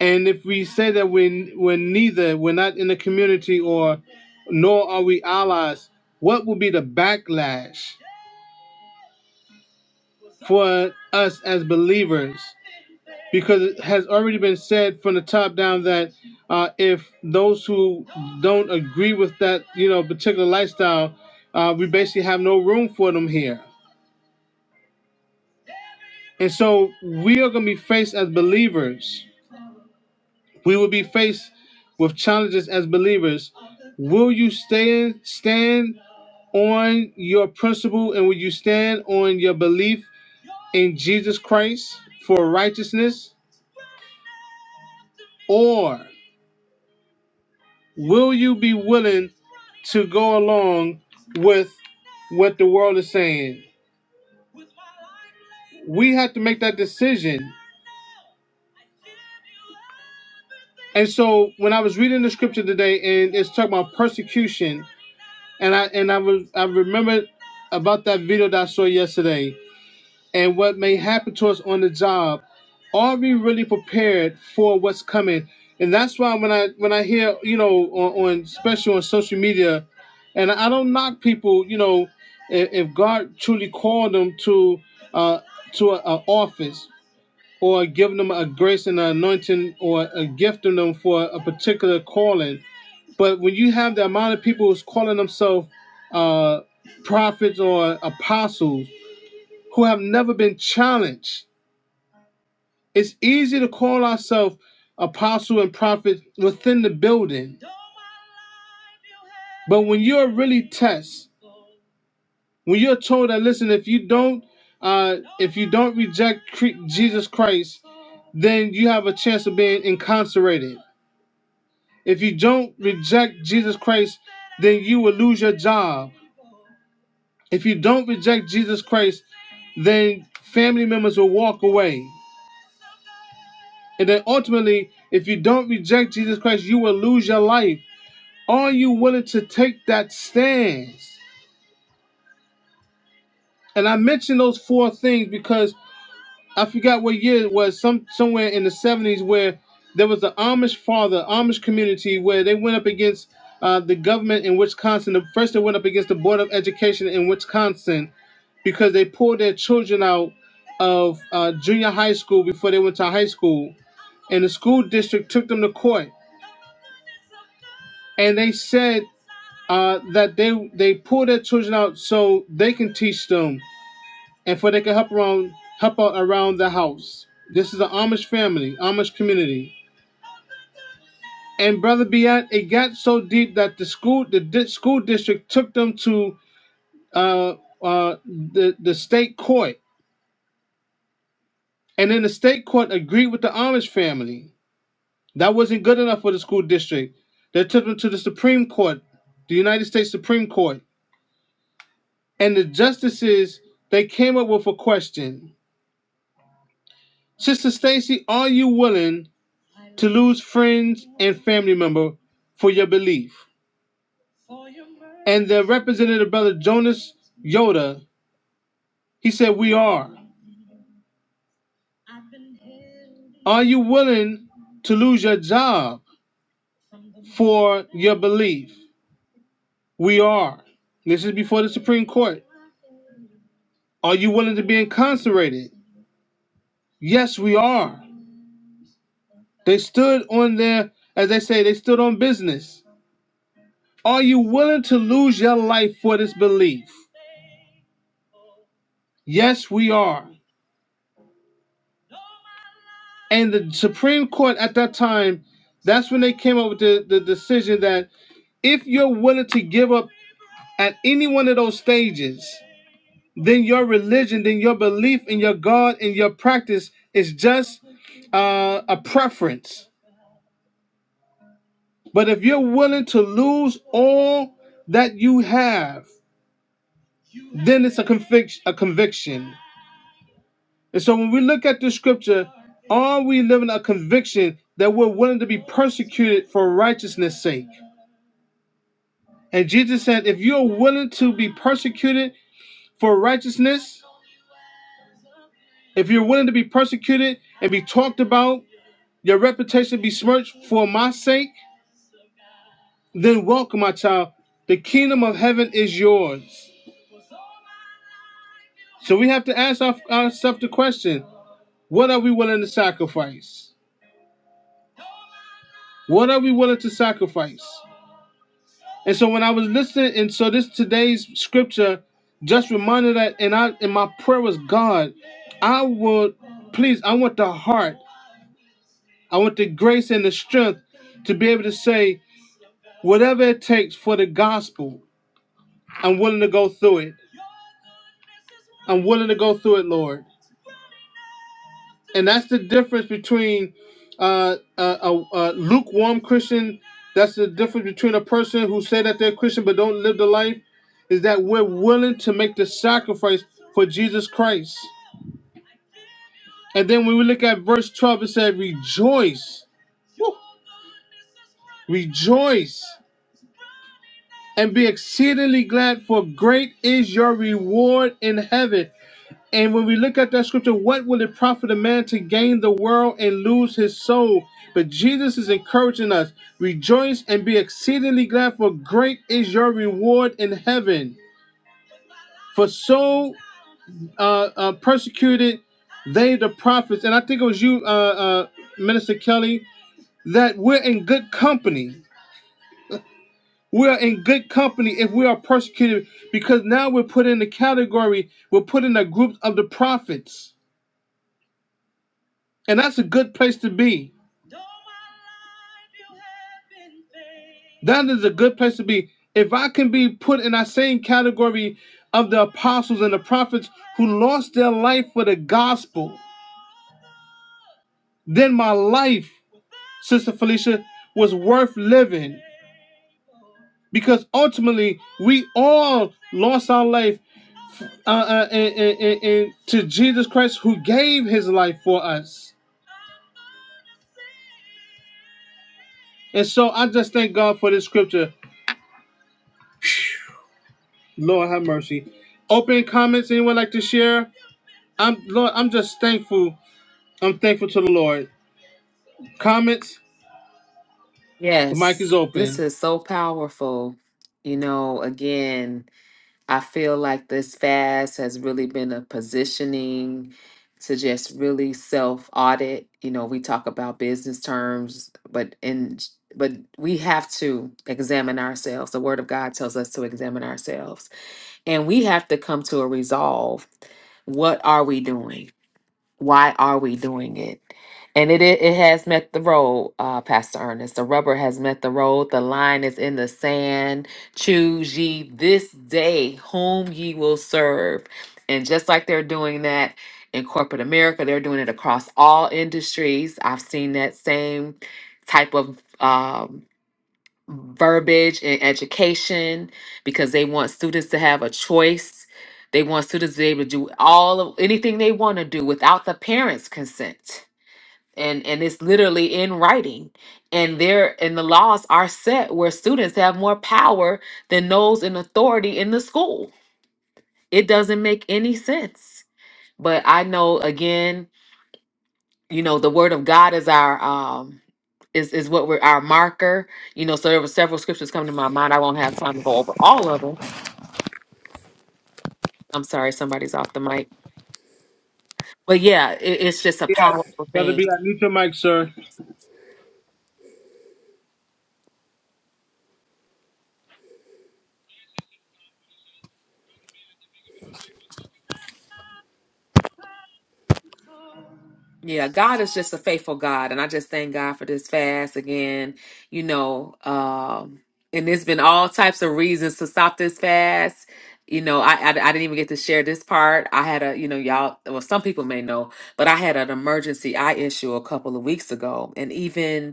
Speaker 1: And if we say that we're, we're neither, we're not in the community or nor are we allies, what will be the backlash for us as believers because it has already been said from the top down that uh, if those who don't agree with that you know particular lifestyle uh, we basically have no room for them here and so we are going to be faced as believers we will be faced with challenges as believers will you stand stand on your principle and will you stand on your belief in jesus christ for righteousness or? Will you be willing to go along with what the world is saying? We have to make that decision. And so when I was reading the scripture today and it's talking about persecution, and I and I was I remembered about that video that I saw yesterday and what may happen to us on the job are we really prepared for what's coming? And that's why when I when I hear you know on, on especially on social media, and I don't knock people, you know, if, if God truly called them to uh, to an office or given them a grace and an anointing or a gifting them for a particular calling, but when you have the amount of people who's calling themselves uh, prophets or apostles who have never been challenged it's easy to call ourselves apostle and prophet within the building, but when you're really tested, when you're told that listen, if you don't, uh, if you don't reject Jesus Christ, then you have a chance of being incarcerated. If you don't reject Jesus Christ, then you will lose your job. If you don't reject Jesus Christ, then family members will walk away. And then ultimately, if you don't reject Jesus Christ, you will lose your life. Are you willing to take that stance? And I mentioned those four things because I forgot what year it was, some somewhere in the 70s where there was an Amish father, Amish community where they went up against uh, the government in Wisconsin. first they went up against the Board of Education in Wisconsin because they pulled their children out of uh, junior high school before they went to high school, and the school district took them to court, and they said uh, that they they pull their children out so they can teach them and for they can help around help out around the house. This is an Amish family, Amish community. And brother Biat, it got so deep that the school the di- school district took them to uh, uh, the the state court, and then the state court agreed with the Amish family. That wasn't good enough for the school district. They took them to the Supreme Court, the United States Supreme Court, and the justices they came up with a question Sister Stacy, are you willing to lose friends and family member for your belief? And the representative brother Jonas Yoda, he said, We are. Are you willing to lose your job for your belief? We are. This is before the Supreme Court. Are you willing to be incarcerated? Yes, we are. They stood on their, as they say, they stood on business. Are you willing to lose your life for this belief? Yes, we are. And the Supreme Court at that time, that's when they came up with the, the decision that if you're willing to give up at any one of those stages, then your religion, then your belief in your God and your practice is just uh, a preference. But if you're willing to lose all that you have, then it's a conviction. A conviction. And so when we look at the scripture, are we living a conviction that we're willing to be persecuted for righteousness' sake? And Jesus said, if you're willing to be persecuted for righteousness, if you're willing to be persecuted and be talked about, your reputation be smirched for my sake, then welcome, my child. The kingdom of heaven is yours. So we have to ask our- ourselves the question what are we willing to sacrifice? What are we willing to sacrifice? And so when I was listening, and so this today's scripture just reminded that, and I and my prayer was God, I would please, I want the heart. I want the grace and the strength to be able to say, whatever it takes for the gospel, I'm willing to go through it. I'm willing to go through it, Lord. And that's the difference between uh, a, a, a lukewarm Christian. That's the difference between a person who say that they're Christian but don't live the life. Is that we're willing to make the sacrifice for Jesus Christ. And then when we look at verse 12, it said, Rejoice, rejoice. and be exceedingly glad, for great is your reward in heaven. And when we look at that scripture, what will it profit a man to gain the world and lose his soul? But Jesus is encouraging us rejoice and be exceedingly glad, for great is your reward in heaven. For so uh, uh, persecuted they the prophets. And I think it was you, uh, uh, Minister Kelly, that we're in good company We are in good company if we are persecuted because now we're put in the category, we're put in the group of the prophets. And that's a good place to be. That is a good place to be. If I can be put in that same category of the apostles and the prophets who lost their life for the gospel, then my life, Sister Felicia, was worth living. Because ultimately, we all lost our life uh, uh, and, and, and, and to Jesus Christ who gave his life for us. And so I just thank God for this scripture. Lord have mercy. Open comments, anyone like to share? I'm Lord, I'm just thankful. I'm thankful to the Lord. Comments, the mic is
Speaker 4: yes this
Speaker 1: open.
Speaker 4: is so powerful you know again I feel like this fast has really been a positioning to just really self audit. You know, we talk about business terms, but in but we have to examine ourselves. The word of God tells us to examine ourselves. And we have to come to a resolve. What are we doing? why are we doing it? And it i- it has met the road, uh, Pastor Ernest. The rubber has met the road. The line is in the sand. Choose ye this day whom ye will serve. And just like they're doing that in corporate America, they're doing it across all industries. I've seen that same type of um, verbiage in education because they want students to have a choice. They want students to be able to do all of anything they want to do without the parents' consent. And and it's literally in writing. And there and the laws are set where students have more power than those in authority in the school. It doesn't make any sense. But I know again you know the word of god is our um is is what we're our marker you know so there were several scriptures coming to my mind i won't have time to go over all of them i'm sorry somebody's off the mic but yeah it, it's just a
Speaker 1: Yeah.
Speaker 4: powerful
Speaker 1: Brother
Speaker 4: thing
Speaker 1: Beat, mute your mic, sir.
Speaker 4: Yeah, God is just a faithful God, and I just thank God for this fast again. You know, um, and there's been all types of reasons to stop this fast. You know, I, I I didn't even get to share this part. I had a, you know, y'all, well, some people may know, but I had an emergency eye issue a couple of weeks ago, and even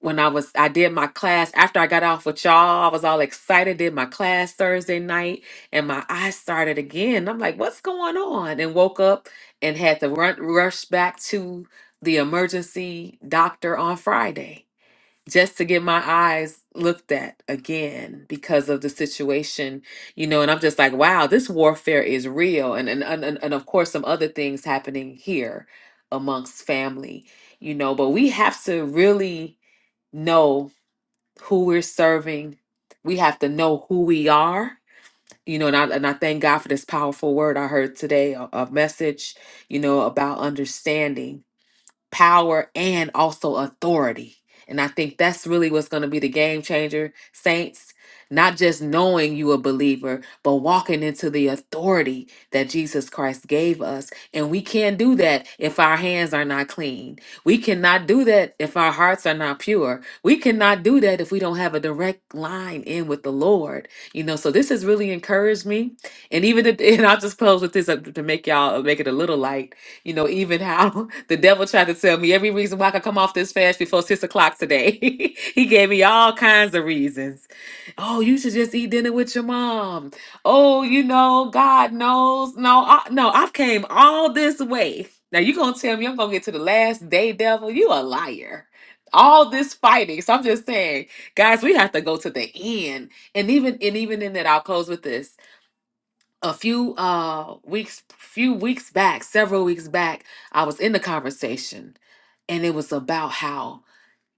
Speaker 4: when I was I did my class after I got off with y'all, I was all excited, did my class Thursday night, and my eyes started again. I'm like, what's going on? And woke up and had to run rush back to the emergency doctor on Friday just to get my eyes looked at again because of the situation, you know, and I'm just like, wow, this warfare is real. And and and, and and of course some other things happening here amongst family, you know, but we have to really know who we're serving. We have to know who we are. You know, and I and I thank God for this powerful word I heard today, a, a message, you know, about understanding power and also authority. And I think that's really what's going to be the game changer, saints. Not just knowing you a believer, but walking into the authority that Jesus Christ gave us. And we can't do that if our hands are not clean. We cannot do that if our hearts are not pure. We cannot do that if we don't have a direct line in with the Lord. You know, so this has really encouraged me. And even, if- and I'll just close with this uh, to make y'all make it a little light you know, even how the devil tried to tell me every reason why I could come off this fast before six o'clock today. he gave me all kinds of reasons. Oh, you should just eat dinner with your mom. Oh, you know, God knows. No, I, no, I've came all this way. Now you gonna tell me I'm gonna get to the last day, devil? You a liar. All this fighting. So I'm just saying, guys, we have to go to the end. And even and even in that, I'll close with this a few uh weeks few weeks back several weeks back i was in the conversation and it was about how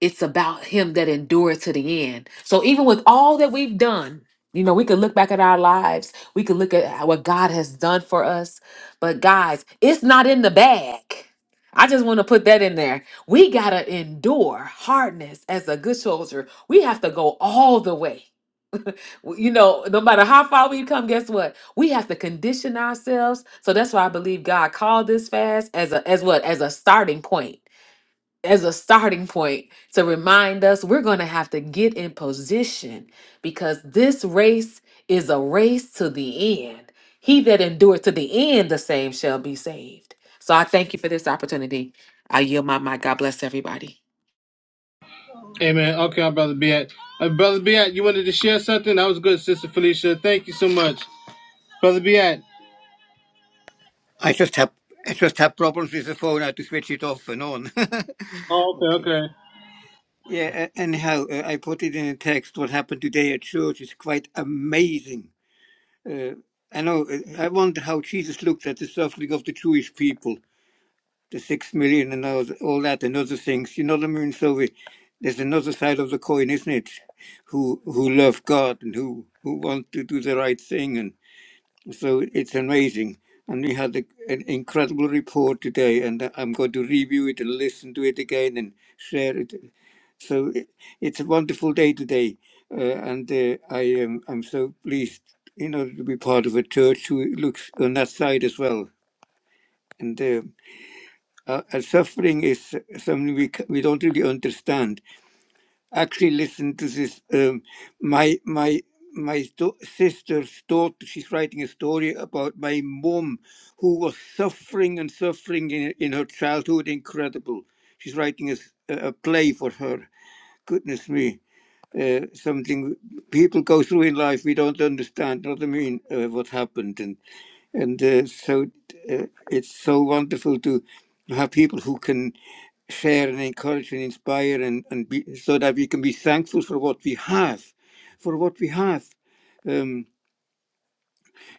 Speaker 4: it's about him that endured to the end so even with all that we've done you know we could look back at our lives we could look at how- what god has done for us but guys it's not in the bag I just want to put that in there. We got to endure hardness as a good soldier. We have to go all the way. W- You know, no matter how far we come, guess what? We have to condition ourselves. So that's why I believe God called this fast as a as what? As a starting point. As a starting point to remind us we're going to have to get in position because this race is a race to the end. He that endures to the end, the same shall be saved. So I thank you for this opportunity. I yield my mic. God bless everybody.
Speaker 1: Amen. Okay, I'm Brother Beat. Uh, Brother Beat, you wanted to share something? That was good, Sister Felicia. Thank you so much. Brother Beat.
Speaker 5: I just have I just have problems with the phone. I have to switch it off and on.
Speaker 1: Oh, okay,
Speaker 5: okay.
Speaker 1: okay.
Speaker 5: Yeah. a- Anyhow, uh, I put it in a text. What happened today at church is quite amazing. Uh, I know. uh, I wonder how Jesus looked at the suffering of the Jewish people, the six million, and all, all that, and other things. You know what I mean? So we, there's another side of the coin, isn't it? Who who love God and who who want to do the right thing and. So it's amazing. And we had a, an incredible report today, and I'm going to review it and listen to it again and share it. So it, it's a wonderful day today, uh, and uh, I am I'm so pleased, you know, to be part of a church who looks on that side as well. And uh, uh, uh, suffering is something we c- we don't really understand actually listen to this. Um, my my my sto- sister's daughter. She's writing a story about my mom, who was suffering and suffering in in her childhood. Incredible. She's writing a, s- a- a play for her. Goodness me. Uh, something people go through in life we don't understand what I mean uh, what happened and and uh, so uh, it's so wonderful to have people who can share and encourage and inspire and, and be, so that we can be thankful for what we have, for what we have. Um,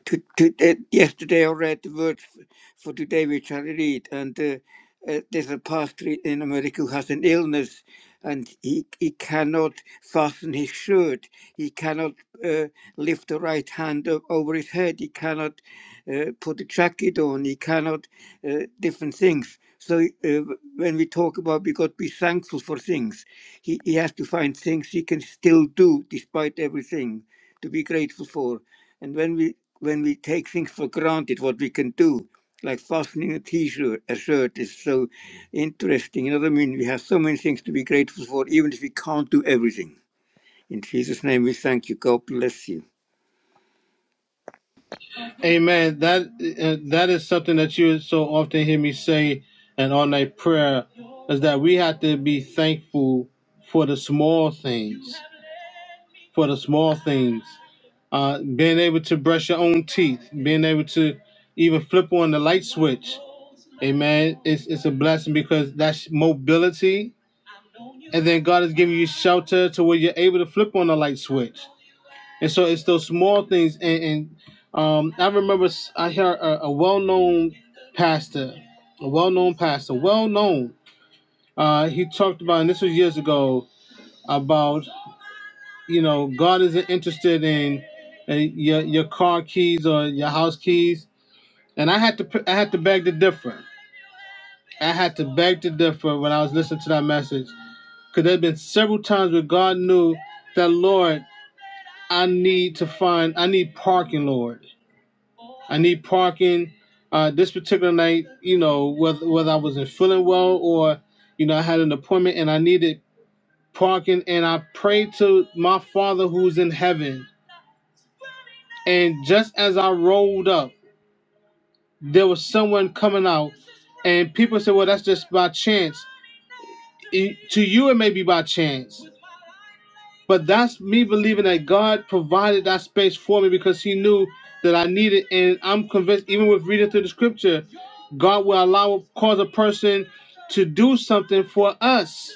Speaker 5: to, to, uh, yesterday I read the words f- for today we shall read, and uh, uh, there's a pastor in America who has an illness, and he he cannot fasten his shirt, he cannot uh, lift the right hand up over his head, he cannot uh, put a jacket on, he cannot uh, different things. So uh, w- when we talk about we got to be thankful for things, he, he has to find things he can still do despite everything to be grateful for. And when we when we take things for granted, what we can do, like fastening a T-shirt, a shirt is so interesting. You know what I mean? We have so many things to be grateful for, even if we can't do everything. In Jesus' name, we thank you. God bless you.
Speaker 1: Amen. That uh, that is something that you so often hear me say and all night prayer is that we have to be thankful for the small things, for the small things. Uh, being able to brush your own teeth, being able to even flip on the light switch. Amen. It's it's a blessing because that's mobility, and then God is giving you shelter to where you're able to flip on the light switch. And so it's those small things. And, and um, I remember s- I heard a, a well-known pastor, a well-known pastor, well-known. Uh, he talked about, and this was years ago, about you know God isn't interested in uh, your your car keys or your house keys. And I had to pr- I had to beg to differ. I had to beg to differ when I was listening to that message, because there had been several times where God knew that Lord, I need to find I need parking, Lord. I need parking. Uh, this particular night, you know, whether whether I wasn't feeling well or, you know, I had an appointment and I needed parking, and I prayed to my Father who's in heaven. And just as I rolled up, there was someone coming out, and people said, "Well, that's just by chance." E- To you, it may be by chance, But that's me believing that God provided that space for me because He knew that I needed, and I'm convinced, even with reading through the Scripture, God will allow cause a person to do something for us.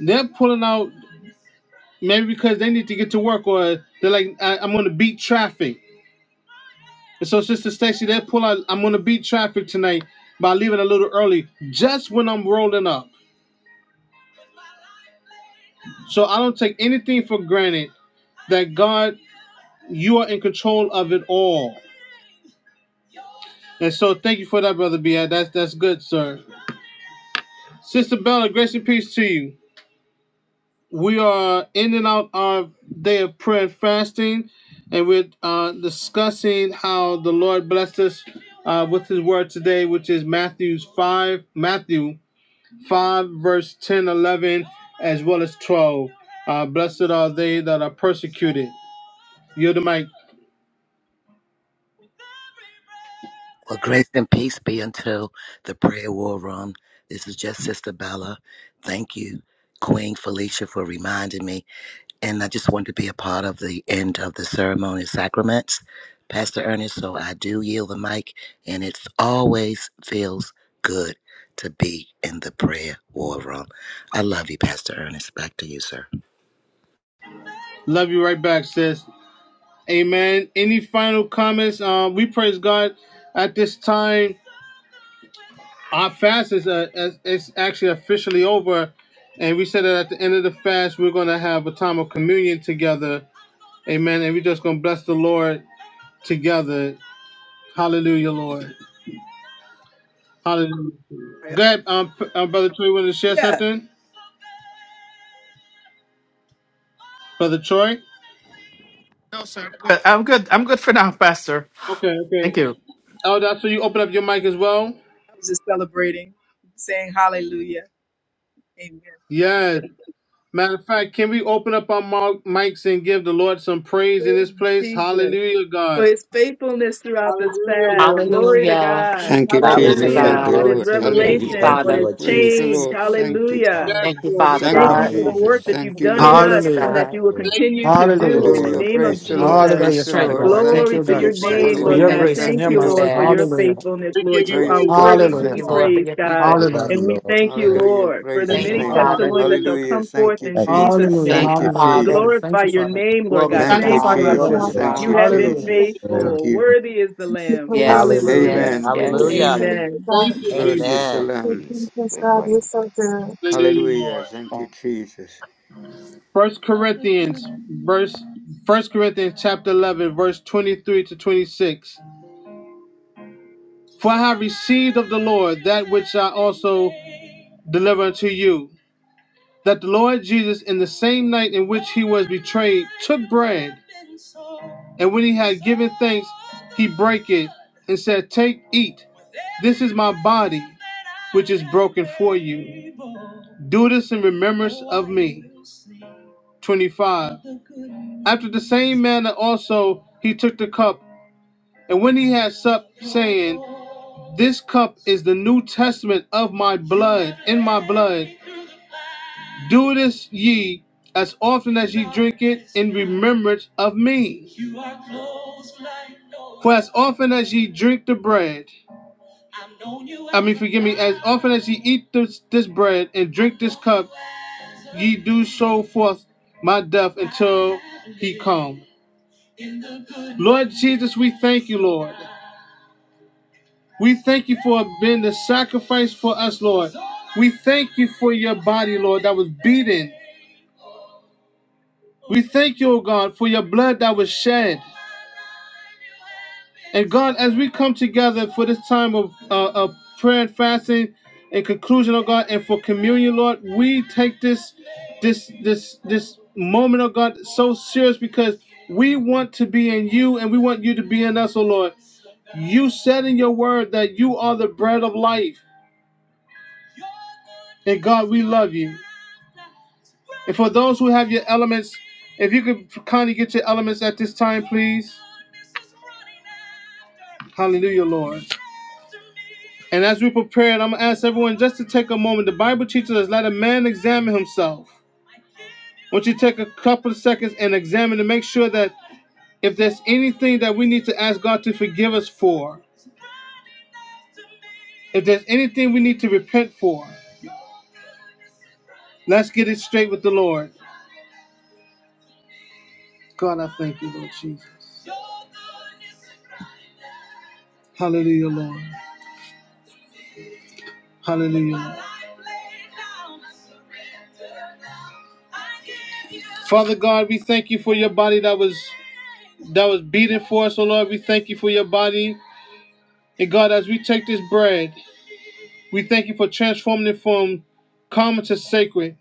Speaker 1: They're pulling out maybe because they need to get to work, or they're like, I, "I'm going to beat traffic." And so, Sister Stacy, they pull out, "I'm going to beat traffic tonight by leaving a little early, just when I'm rolling up." So I don't take anything for granted that God, you are in control of it all. And so thank you for that, Brother B.I. That's that's good, sir. Sister Bella, grace and peace to you. We are ending out our day of prayer and fasting, and we're uh, discussing how the Lord blessed us uh, with his word today, which is Matthew's 5, Matthew 5, verse 10, 11, as well as 12. Uh, blessed are they that are persecuted. You're the mic.
Speaker 9: Well, grace and peace be until the prayer war room. This is just Sister Bella. Thank you, Queen Felicia, for reminding me. And I just want to be a part of the end of the ceremony and sacraments, Pastor Ernest. So I do yield the mic, and it always feels good to be in the prayer war room. I love you, Pastor Ernest. Back to you, sir.
Speaker 1: Love you right back, sis. Amen. Any final comments? Uh, we praise God at this time Our fast is, uh is, is actually officially over, and we said that at the end of the fast we're going to have a time of communion together, Amen. And we're just going to bless the Lord together. Hallelujah, Lord. Hallelujah. Go ahead, um, P- uh, brother Troy. Want to share
Speaker 7: Yeah,
Speaker 1: something, brother Troy?
Speaker 2: But I'm good. I'm good for now, Pastor.
Speaker 1: Okay,
Speaker 2: Thank
Speaker 1: okay.
Speaker 2: you.
Speaker 1: Oh, that's so you open up your mic as well.
Speaker 7: I was just celebrating, saying hallelujah. Amen.
Speaker 1: Yes. Matter of fact, can we open up our mo- mics and give the Lord some praise in this
Speaker 7: Praise
Speaker 1: place?
Speaker 7: Jesus.
Speaker 1: Hallelujah,
Speaker 7: for
Speaker 1: God.
Speaker 7: his faithfulness throughout this
Speaker 1: Hallelujah,
Speaker 7: fast.
Speaker 1: Lord.
Speaker 7: Glory to
Speaker 4: Hallelujah.
Speaker 7: God.
Speaker 5: Thank you,
Speaker 4: Glory.
Speaker 5: Jesus.
Speaker 9: Hallelujah.
Speaker 7: Hallelujah.
Speaker 4: to
Speaker 5: Thank you,
Speaker 7: For
Speaker 4: God.
Speaker 9: Glory
Speaker 7: his
Speaker 5: Lord.
Speaker 9: to your
Speaker 1: Thank
Speaker 9: name.
Speaker 4: Thank you,
Speaker 5: Hallelujah.
Speaker 1: you.
Speaker 7: revelation,
Speaker 9: Thank you,
Speaker 7: for
Speaker 4: Father.
Speaker 7: his
Speaker 9: Lord
Speaker 5: Praise the
Speaker 9: Jesus.
Speaker 7: change.
Speaker 5: Lord.
Speaker 6: Good
Speaker 5: Thank
Speaker 9: Thank you,
Speaker 5: you.
Speaker 6: picture.
Speaker 7: Hallelujah.
Speaker 9: Father.
Speaker 1: Yes,
Speaker 4: Thank you,
Speaker 6: Thank you, good
Speaker 1: Lord, we
Speaker 6: Jesus.
Speaker 4: Father
Speaker 6: You're
Speaker 5: Thank
Speaker 1: give
Speaker 7: Thank
Speaker 5: you,
Speaker 1: you,
Speaker 7: you
Speaker 4: God.
Speaker 7: for the
Speaker 6: such
Speaker 5: Jesus.
Speaker 7: work
Speaker 9: Hallelujah.
Speaker 6: a
Speaker 7: that
Speaker 5: Thank
Speaker 7: you've
Speaker 9: Thank
Speaker 5: you,
Speaker 6: good
Speaker 7: done in
Speaker 9: you,
Speaker 5: Lord.
Speaker 4: Glory
Speaker 7: us
Speaker 4: to
Speaker 7: and
Speaker 4: God.
Speaker 2: Hallelujah.
Speaker 7: that you will
Speaker 9: Lord.
Speaker 1: thank you
Speaker 7: continue
Speaker 1: for
Speaker 7: to
Speaker 6: God.
Speaker 1: this
Speaker 7: do in
Speaker 2: Hallelujah.
Speaker 7: the
Speaker 5: Hallelujah.
Speaker 9: Glory.
Speaker 7: name of
Speaker 9: Thank
Speaker 5: Praise
Speaker 6: Thank
Speaker 9: you,
Speaker 5: the
Speaker 9: Lord.
Speaker 6: you
Speaker 5: Lord.
Speaker 4: Give
Speaker 7: Jesus.
Speaker 4: us
Speaker 5: Praise
Speaker 2: Hallelujah,
Speaker 5: the
Speaker 4: strength,
Speaker 2: Father
Speaker 5: Lord.
Speaker 2: God.
Speaker 4: Lord.
Speaker 5: Thank
Speaker 2: Thank
Speaker 7: Glory
Speaker 5: you,
Speaker 2: you,
Speaker 1: we
Speaker 7: to
Speaker 1: give
Speaker 2: God,
Speaker 4: Give
Speaker 1: you
Speaker 7: your
Speaker 5: Jesus.
Speaker 1: praise,
Speaker 9: Glory
Speaker 4: strength,
Speaker 7: name,
Speaker 9: to
Speaker 2: for
Speaker 4: Lord.
Speaker 7: Lord
Speaker 2: your
Speaker 1: Lord.
Speaker 5: Hallelujah.
Speaker 7: God.
Speaker 4: Thank
Speaker 2: grace
Speaker 6: for the
Speaker 4: you
Speaker 2: and
Speaker 5: Thank
Speaker 7: Thank
Speaker 4: for
Speaker 2: your
Speaker 5: you,
Speaker 7: you,
Speaker 4: this
Speaker 2: mercy.
Speaker 7: Lord,
Speaker 5: Lord.
Speaker 7: for your
Speaker 4: fast.
Speaker 2: Hallelujah.
Speaker 7: faithfulness,
Speaker 1: We
Speaker 6: festival
Speaker 1: give
Speaker 7: Lord.
Speaker 1: you
Speaker 6: of
Speaker 7: You are
Speaker 5: Praise
Speaker 1: praise,
Speaker 6: love.
Speaker 5: God.
Speaker 7: worthy
Speaker 1: thank
Speaker 7: to
Speaker 4: Thank
Speaker 5: Thank
Speaker 2: Hallelujah,
Speaker 7: be
Speaker 5: you.
Speaker 1: you,
Speaker 4: you,
Speaker 9: you.
Speaker 4: Lord,
Speaker 2: Father.
Speaker 1: Lord.
Speaker 4: for
Speaker 6: Thank
Speaker 7: praised,
Speaker 4: your
Speaker 6: you
Speaker 7: God.
Speaker 4: people.
Speaker 6: for
Speaker 9: We love
Speaker 2: Hallelujah.
Speaker 9: you,
Speaker 7: And we
Speaker 9: Lord. We
Speaker 7: thank you,
Speaker 9: praise.
Speaker 5: Hallelujah.
Speaker 7: Lord, for
Speaker 5: Praise
Speaker 7: the
Speaker 9: you.
Speaker 1: Thank
Speaker 9: Thank
Speaker 5: his
Speaker 1: you,
Speaker 4: Thank
Speaker 9: you,
Speaker 7: many
Speaker 6: so
Speaker 4: you,
Speaker 6: many
Speaker 1: Lord.
Speaker 9: Father.
Speaker 5: name.
Speaker 4: Father.
Speaker 7: testimonies
Speaker 2: Hallelujah.
Speaker 7: that shall
Speaker 5: Hallelujah.
Speaker 7: come forth
Speaker 5: Thank you,
Speaker 6: people who
Speaker 7: in
Speaker 9: Thank you,
Speaker 7: Jesus'
Speaker 5: Jesus.
Speaker 2: Hallelujah.
Speaker 7: name.
Speaker 4: Thank
Speaker 5: Thank you,
Speaker 4: you,
Speaker 9: Father.
Speaker 6: love
Speaker 2: Hallelujah,
Speaker 7: We
Speaker 6: us.
Speaker 9: Thank
Speaker 4: Father.
Speaker 5: Jesus.
Speaker 2: Father. Thank
Speaker 7: glorify
Speaker 2: you,
Speaker 7: your
Speaker 2: Father.
Speaker 7: name,
Speaker 6: You
Speaker 7: Lord
Speaker 9: you,
Speaker 4: Glory
Speaker 6: will
Speaker 7: God.
Speaker 6: be
Speaker 4: to
Speaker 9: Lord.
Speaker 5: Thank you,
Speaker 7: Thank
Speaker 6: not
Speaker 9: Father.
Speaker 2: Sanctify
Speaker 7: you,
Speaker 4: God.
Speaker 9: Thank
Speaker 2: your
Speaker 8: Thank
Speaker 4: Glory
Speaker 7: Abba.
Speaker 2: name,
Speaker 5: Jesus.
Speaker 2: oh
Speaker 9: you,
Speaker 4: to
Speaker 9: Lord
Speaker 2: God.
Speaker 5: Thank
Speaker 7: You
Speaker 9: Jesus.
Speaker 5: you,
Speaker 4: God.
Speaker 7: have been
Speaker 8: God.
Speaker 2: Hallelujah.
Speaker 5: Jesus.
Speaker 1: Hallelujah.
Speaker 6: for
Speaker 9: Glory.
Speaker 5: Thank
Speaker 6: the
Speaker 7: faithful.
Speaker 5: you.
Speaker 7: Worthy is the
Speaker 8: We for
Speaker 7: Lamb.
Speaker 8: your
Speaker 6: evil, the
Speaker 4: Yes,
Speaker 6: love,
Speaker 8: amazing
Speaker 9: Hallelujah.
Speaker 7: Hallelujah.
Speaker 4: yes,
Speaker 8: and
Speaker 5: Amen.
Speaker 6: and I
Speaker 8: we
Speaker 6: can
Speaker 8: will
Speaker 4: yes.
Speaker 9: Hallelujah.
Speaker 8: thank
Speaker 5: Amen.
Speaker 8: you,
Speaker 7: Amen.
Speaker 8: God.
Speaker 1: Thank you, Thank you,
Speaker 6: Thank
Speaker 5: Worthy
Speaker 1: Jesus.
Speaker 6: you,
Speaker 5: is the
Speaker 9: Amen.
Speaker 8: We
Speaker 5: Lamb.
Speaker 8: thank you, Jesus, God.
Speaker 6: Lord
Speaker 8: You're so good.
Speaker 1: Hallelujah,
Speaker 5: Hallelujah.
Speaker 1: Lord.
Speaker 5: Thank you,
Speaker 6: Thank
Speaker 5: Jesus.
Speaker 1: First Corinthians verse First Corinthians chapter eleven, verse twenty-three to twenty-six. For I have received of the Lord that which I also deliver unto you. that the Lord Jesus, in the same night in which he was betrayed, took bread, and when he had given thanks, he brake it and said, Take, eat. This is my body, which is broken for you. Do this in remembrance of me. 25. After the same manner also he took the cup, and when he had supped, saying, This cup is the New Testament of my blood, in my blood. Do this ye as often as ye drink it in remembrance of me. For as often as ye drink the bread, I mean, forgive me, as often as ye eat this, this bread and drink this cup, ye do so forth my death until he come. Lord Jesus, we thank you, Lord. We thank you for being the sacrifice for us, Lord. We thank you for your body, Lord, that was beaten We thank you, O God, for your blood that was shed. And God, as we come together for this time of, uh, of prayer and fasting and conclusion, O God, and for communion, Lord, we take this this this this moment, oh God, so serious because we want to be in you and we want you to be in us, O Lord. You said in your word that you are the bread of life. And God, we love you. And for those who have your elements, if you could kindly get your elements at this time, please. Hallelujah, Lord. And as we prepare, it, I'm gonna ask everyone just to take a moment. The Bible teaches us let a man examine himself. Won't you to take a couple of seconds and examine to make sure that if there's anything that we need to ask God to forgive us for, if there's anything we need to repent for, let's get it straight with the Lord. God, I thank you, Lord Jesus. Hallelujah, Lord. Hallelujah. Lord. Father God, we thank you for your body that was that was beaten for us, O Lord. We thank you for your body. And God, as we take this bread, we thank you for transforming it from common to sacred.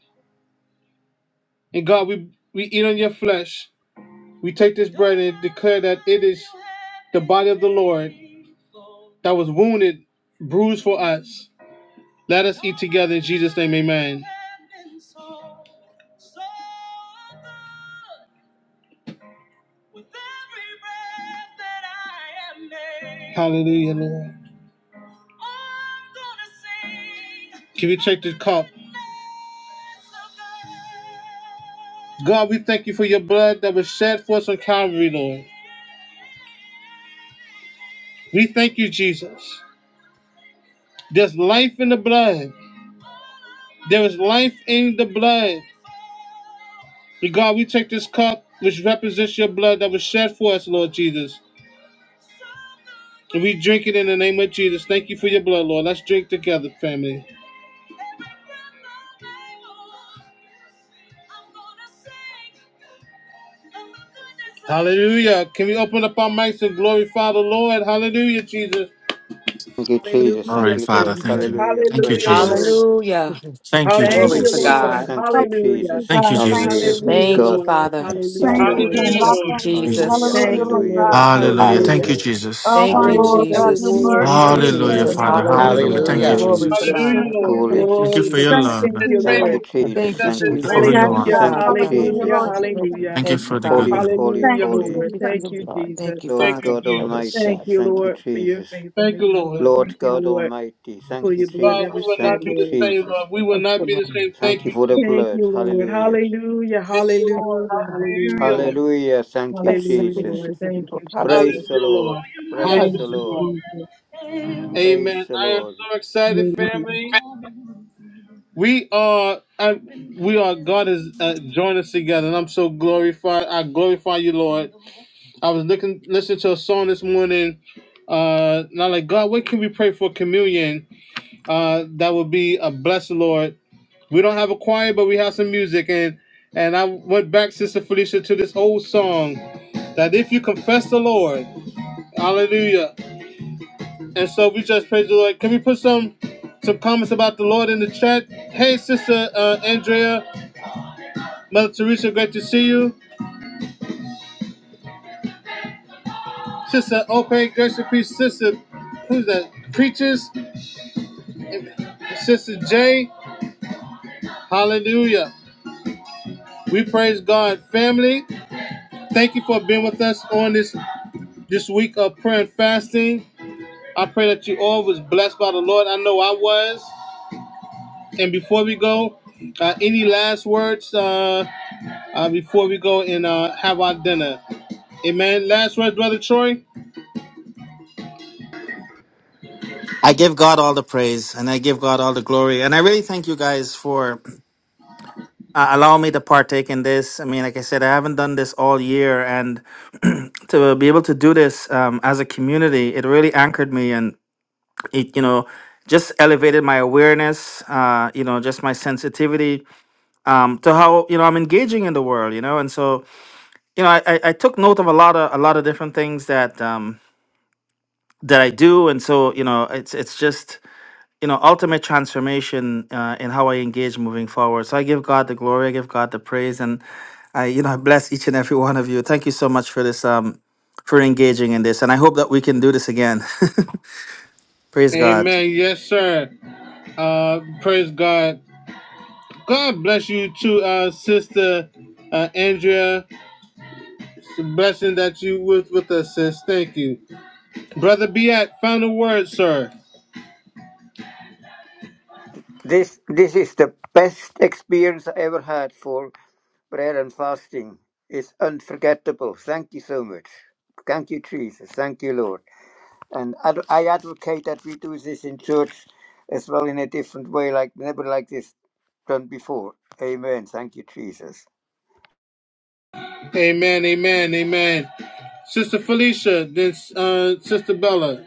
Speaker 1: And God, we, we eat on your flesh. We take this bread and declare that it is the body of the Lord that was wounded, bruised for us. Let us eat together in Jesus' name, amen. Hallelujah, Lord. Can we take this cup? God, we thank you for your blood that was shed for us on Calvary, Lord. We thank you, Jesus. There's life in the blood. There is life in the blood. And God, we take this cup which represents your blood that was shed for us, Lord Jesus. And we drink it in the name of Jesus. Thank you for your blood, Lord. Let's drink together, family. Hallelujah. Can we open up our mics and glorify the Lord? Hallelujah, Jesus.
Speaker 5: Thank you, Jesus.
Speaker 2: All
Speaker 7: Hallelujah,
Speaker 5: Thank
Speaker 2: right,
Speaker 5: you,
Speaker 2: Father.
Speaker 5: Lord.
Speaker 7: Jesus.
Speaker 2: Thank you.
Speaker 5: Hallelujah.
Speaker 2: Thank you,
Speaker 7: Hallelujah,
Speaker 5: Praise the
Speaker 7: Lord.
Speaker 5: Lord.
Speaker 2: Jesus.
Speaker 4: Hallelujah.
Speaker 6: you,
Speaker 2: Thank you,
Speaker 1: Hallelujah,
Speaker 6: Jesus.
Speaker 5: Thank
Speaker 7: Thank
Speaker 5: you,
Speaker 4: Glory
Speaker 6: Thank
Speaker 7: you,
Speaker 4: to
Speaker 6: you
Speaker 2: Jesus.
Speaker 6: so
Speaker 5: Jesus.
Speaker 7: Lord.
Speaker 4: God.
Speaker 5: Thank
Speaker 6: much.
Speaker 5: you,
Speaker 7: Hallelujah.
Speaker 8: Hallelujah,
Speaker 5: Jesus.
Speaker 2: Thank you,
Speaker 8: God. Thank
Speaker 6: Blessed be
Speaker 5: Hallelujah.
Speaker 8: you,
Speaker 2: Jesus.
Speaker 6: your
Speaker 7: Hallelujah,
Speaker 8: Jesus.
Speaker 6: name.
Speaker 4: Thank you,
Speaker 5: God,
Speaker 7: Lord.
Speaker 9: Thank
Speaker 4: Father.
Speaker 9: you,
Speaker 6: You're
Speaker 5: be
Speaker 6: such a
Speaker 9: Father.
Speaker 8: Thank
Speaker 7: Hallelujah,
Speaker 8: you,
Speaker 6: good
Speaker 5: glory.
Speaker 7: Lord.
Speaker 8: God.
Speaker 1: Hallelujah,
Speaker 8: I
Speaker 4: Thank
Speaker 2: Jesus.
Speaker 1: Lord.
Speaker 4: you,
Speaker 8: thank you.
Speaker 5: Hallelujah.
Speaker 4: Jesus.
Speaker 2: Jesus.
Speaker 7: Thank
Speaker 8: Hallelujah,
Speaker 7: you,
Speaker 8: Lord
Speaker 7: Lord.
Speaker 5: Hallelujah.
Speaker 8: God.
Speaker 5: Lord
Speaker 2: Hallelujah. Thank you,
Speaker 7: Hallelujah.
Speaker 5: Jesus.
Speaker 9: Hallelujah.
Speaker 2: Jesus.
Speaker 8: Oh,
Speaker 4: Thank
Speaker 8: my
Speaker 4: you,
Speaker 7: Great
Speaker 9: Hallelujah.
Speaker 7: is
Speaker 8: Lord,
Speaker 7: the
Speaker 9: Thank
Speaker 8: God.
Speaker 9: you,
Speaker 8: You're
Speaker 9: Jesus.
Speaker 4: Jesus.
Speaker 6: one.
Speaker 7: reward.
Speaker 8: worthy
Speaker 4: Thank
Speaker 8: to
Speaker 4: you,
Speaker 9: Thank
Speaker 6: You're
Speaker 7: Glory
Speaker 9: you,
Speaker 8: be
Speaker 7: to
Speaker 6: so
Speaker 7: your
Speaker 9: Lord.
Speaker 2: Hallelujah,
Speaker 8: praised,
Speaker 4: Jesus.
Speaker 7: name,
Speaker 2: Father.
Speaker 6: good.
Speaker 8: Lord
Speaker 7: Lord God.
Speaker 8: Jesus.
Speaker 2: Hallelujah.
Speaker 4: Hallelujah.
Speaker 7: Thank
Speaker 2: Thank you,
Speaker 7: you,
Speaker 9: Hallelujah.
Speaker 5: Hallelujah.
Speaker 4: Glory to
Speaker 2: Jesus.
Speaker 6: You're
Speaker 7: Jesus.
Speaker 1: Hallelujah,
Speaker 6: so
Speaker 4: God.
Speaker 1: Lord.
Speaker 6: kind.
Speaker 5: Holy
Speaker 4: Thank you,
Speaker 2: Thank you
Speaker 7: Glory
Speaker 2: for
Speaker 7: to
Speaker 2: your
Speaker 8: Thank
Speaker 7: God.
Speaker 4: Jesus.
Speaker 2: love.
Speaker 8: you,
Speaker 7: Thank
Speaker 1: It's
Speaker 7: you,
Speaker 2: Thank
Speaker 8: Jesus.
Speaker 5: Thank
Speaker 1: grateful
Speaker 5: you,
Speaker 7: Lord.
Speaker 6: Oh,
Speaker 1: to
Speaker 6: thank
Speaker 1: the
Speaker 5: Jesus.
Speaker 6: you.
Speaker 4: Thank you,
Speaker 1: step
Speaker 5: Thank you,
Speaker 1: is
Speaker 2: you for who
Speaker 4: Jesus.
Speaker 1: grateful.
Speaker 2: you
Speaker 8: Yes,
Speaker 4: Thank
Speaker 2: are.
Speaker 5: Jesus.
Speaker 4: you,
Speaker 7: Hallelujah.
Speaker 8: God.
Speaker 5: Thank
Speaker 4: Father
Speaker 5: you,
Speaker 6: Thank you for
Speaker 4: God.
Speaker 8: Hallelujah,
Speaker 7: Hallelujah.
Speaker 5: Jesus.
Speaker 8: Lord
Speaker 6: your body
Speaker 8: Jesus.
Speaker 6: broken
Speaker 7: Hallelujah.
Speaker 6: for
Speaker 2: Thank you
Speaker 4: Thank you,
Speaker 2: for
Speaker 6: me.
Speaker 2: the good
Speaker 5: Holy,
Speaker 4: Father.
Speaker 2: news.
Speaker 5: holy,
Speaker 8: Thank
Speaker 7: Hallelujah,
Speaker 8: you,
Speaker 5: holy.
Speaker 6: Thank
Speaker 7: Lord.
Speaker 6: you for
Speaker 8: Jesus.
Speaker 6: your
Speaker 7: Thank you,
Speaker 6: blood
Speaker 7: Jesus.
Speaker 4: Thank you,
Speaker 5: Lord
Speaker 1: Thank you,
Speaker 4: Father.
Speaker 5: God
Speaker 6: that
Speaker 1: Jesus.
Speaker 6: was
Speaker 5: Almighty.
Speaker 7: Thank
Speaker 6: shed
Speaker 7: you,
Speaker 6: for
Speaker 5: Thank
Speaker 6: me.
Speaker 5: you,
Speaker 7: Lord, for your
Speaker 5: Jesus.
Speaker 1: Thank
Speaker 7: faithfulness,
Speaker 1: you,
Speaker 7: oh
Speaker 1: Lord.
Speaker 7: God. Thank
Speaker 5: Lord
Speaker 7: you,
Speaker 6: I
Speaker 5: God
Speaker 7: Lord,
Speaker 5: Almighty.
Speaker 7: for
Speaker 5: Thank you,
Speaker 7: your
Speaker 6: bless you.
Speaker 7: blood
Speaker 1: God,
Speaker 7: that
Speaker 1: we
Speaker 5: Jesus.
Speaker 7: was
Speaker 1: will
Speaker 7: shed,
Speaker 1: not
Speaker 5: Thank
Speaker 1: be
Speaker 5: you,
Speaker 1: the
Speaker 7: Lord.
Speaker 1: same,
Speaker 5: Jesus.
Speaker 1: Lord. We will
Speaker 6: Thank
Speaker 1: not
Speaker 6: you,
Speaker 1: be the
Speaker 6: Lord.
Speaker 1: same. Thank
Speaker 5: Thank you
Speaker 1: you,
Speaker 5: for the
Speaker 1: Jesus.
Speaker 7: Thank
Speaker 5: blood.
Speaker 7: you, Lord.
Speaker 6: Thank
Speaker 5: Hallelujah.
Speaker 6: you
Speaker 7: Hallelujah.
Speaker 1: Thank you, Lord.
Speaker 7: Hallelujah.
Speaker 6: so much.
Speaker 1: Hallelujah,
Speaker 7: Hallelujah.
Speaker 1: Lord.
Speaker 5: Hallelujah. Thank you,
Speaker 6: Blessed
Speaker 7: Hallelujah,
Speaker 6: be your
Speaker 5: Jesus.
Speaker 7: Lord.
Speaker 6: name,
Speaker 7: Thank you,
Speaker 6: Lord.
Speaker 5: Praise
Speaker 7: Jesus.
Speaker 1: Hallelujah,
Speaker 5: the
Speaker 1: Lord.
Speaker 5: Lord. Praise
Speaker 7: Thank
Speaker 5: the
Speaker 6: Hallelujah.
Speaker 5: Lord.
Speaker 1: Hallelujah,
Speaker 7: you,
Speaker 1: Lord.
Speaker 5: Praise
Speaker 1: Amen.
Speaker 5: the
Speaker 1: I am
Speaker 5: Lord.
Speaker 1: so excited,
Speaker 7: Jesus.
Speaker 1: family. We are, I, we are. God has uh, joined us together, and I'm so glorified. I glorify you, Lord. I was looking listening to a song this morning, uh, and I'm like, God, what can we pray for communion? Uh, that would be a blessing, Lord. We don't have a choir, but we have some music, and and I went back, Sister Felicia, to this old song that if you confess the Lord, Hallelujah. And so we just praise the Lord. Can we put some some comments about the Lord in the chat? Hey, Sister uh, Andrea, Mother Teresa, great to see you. Sister Ope, grace and peace. Sister, who's that? Preachers. Sister Jay, hallelujah. We praise God, family. Thank you for being with us on this this week of prayer and fasting. I pray that you all was blessed by the Lord. I know I was. And before we go, uh, any last words uh, uh, before we go and uh, have our dinner? Amen. Last words, brother Troy.
Speaker 2: I give God all the praise and I give God all the glory. And I really thank you guys for uh, allowing me to partake in this. I mean, like I said, I haven't done this all year. And to be able to do this um, as a community, it really anchored me and it, you know, just elevated my awareness, uh, you know, just my sensitivity um, to how you know I'm engaging in the world, you know, and so you know I, I, I took note of a lot of a lot of different things that um, that I do, and so you know it's it's just you know ultimate transformation uh, in how I engage moving forward. So I give God the glory, I give God the praise, and I you know I bless each and every one of you. Thank you so much for this um for engaging in this, and I hope that we can do this again. praise God.
Speaker 1: Amen. Yes, sir. Uh, praise God. God bless you too, uh, sister uh, Andrea. Blessing that you was with us, sis. Thank you. Brother Biat, final word, sir.
Speaker 5: This this is the best experience I ever had for Prayer and fasting is unforgettable. Thank you so much. Thank you, Jesus. Thank you, Lord. And ad- I advocate that we do this in church as well in a different way, like never like this done before. Amen. Thank you, Jesus.
Speaker 1: Amen, amen, amen. Sister Felicia, then uh, Sister Bella.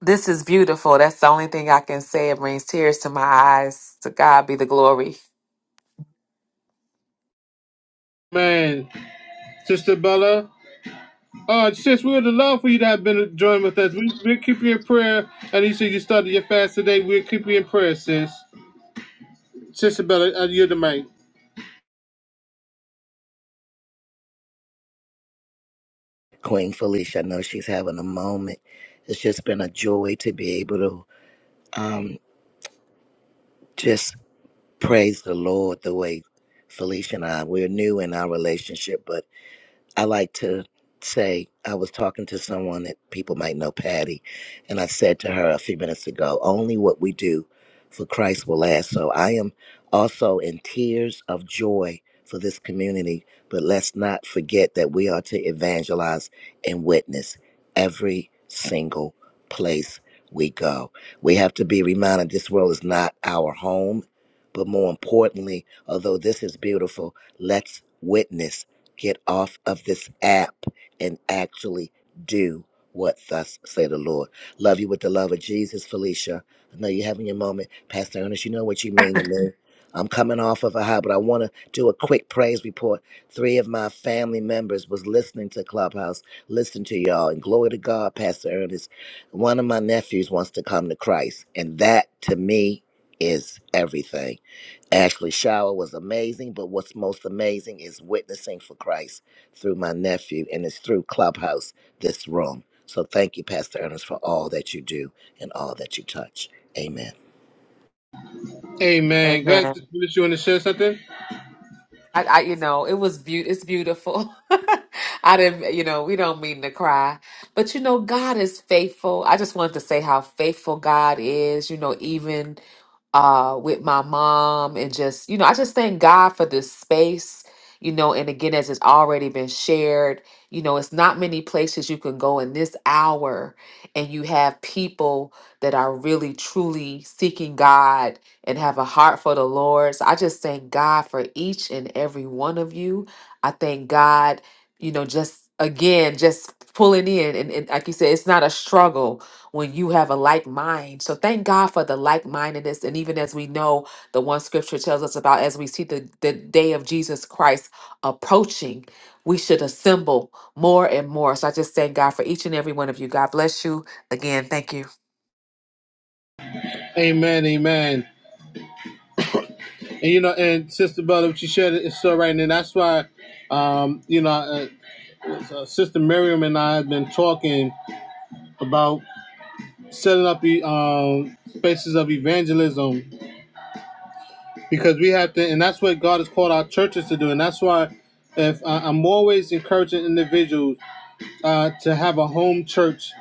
Speaker 4: This is beautiful. That's the only thing I can say. It brings tears to my eyes. To God be the glory.
Speaker 1: Man, Sister Bella. Oh, sis, we would have loved for you to have been joined with us. We, we'll keep you in prayer. And you said you started your fast today. We'll keep you in prayer, sis. Sister Bella, uh, you're the mic.
Speaker 9: Queen Felicia. I know she's having a moment. It's just been a joy to be able to um, just praise the Lord the way Felicia and I, we're new in our relationship, but I like to say, I was talking to someone that people might know, Patty, and I said to her a few minutes ago, only what we do for Christ will last. So I am also in tears of joy for this community, but let's not forget that we are to evangelize and witness every single place we go. We have to be reminded this world is not our home, but more importantly, although this is beautiful, let's witness get off of this app and actually do what thus say the Lord. Love you with the love of Jesus, Felicia. I know you're having your moment. Pastor Ernest, you know what you mean to me. I'm coming off of a high, but I want to do a quick praise report. Three of my family members was listening to Clubhouse, listen to y'all, and glory to God, Pastor Ernest. One of my nephews wants to come to Christ, and that to me is everything. Ashley shower was amazing, but what's most amazing is witnessing for Christ through my nephew, and it's through Clubhouse, this room. So thank you, Pastor Ernest, for all that you do and all that you touch. Amen.
Speaker 1: Amen. God bless you want to share something.
Speaker 4: I, I you know, it was beaut it's beautiful. I didn't, you know, we don't mean to cry. But you know, God is faithful. I just wanted to say how faithful God is, you know, even uh with my mom and just, you know, I just thank God for this space, you know, and again, as it's already been shared, you know, it's not many places you can go in this hour and you have people that are really truly seeking God and have a heart for the Lord. So I just thank God for each and every one of you. I thank God, you know, just again, just pulling in. And, and like you said, it's not a struggle when you have a like mind. So thank God for the like mindedness. And even as we know, the one scripture tells us about as we see the, the day of Jesus Christ approaching, we should assemble more and more. So I just thank God for each and every one of you. God bless you. Again, thank you.
Speaker 1: Amen, amen. And you know, and Sister Bella, what you shared is so right, and that's why, um, you know, uh, uh, Sister Miriam and I have been talking about setting up the um, spaces of evangelism because we have to, and that's what God has called our churches to do, and that's why, if I I'm always encouraging individuals uh, to have a home church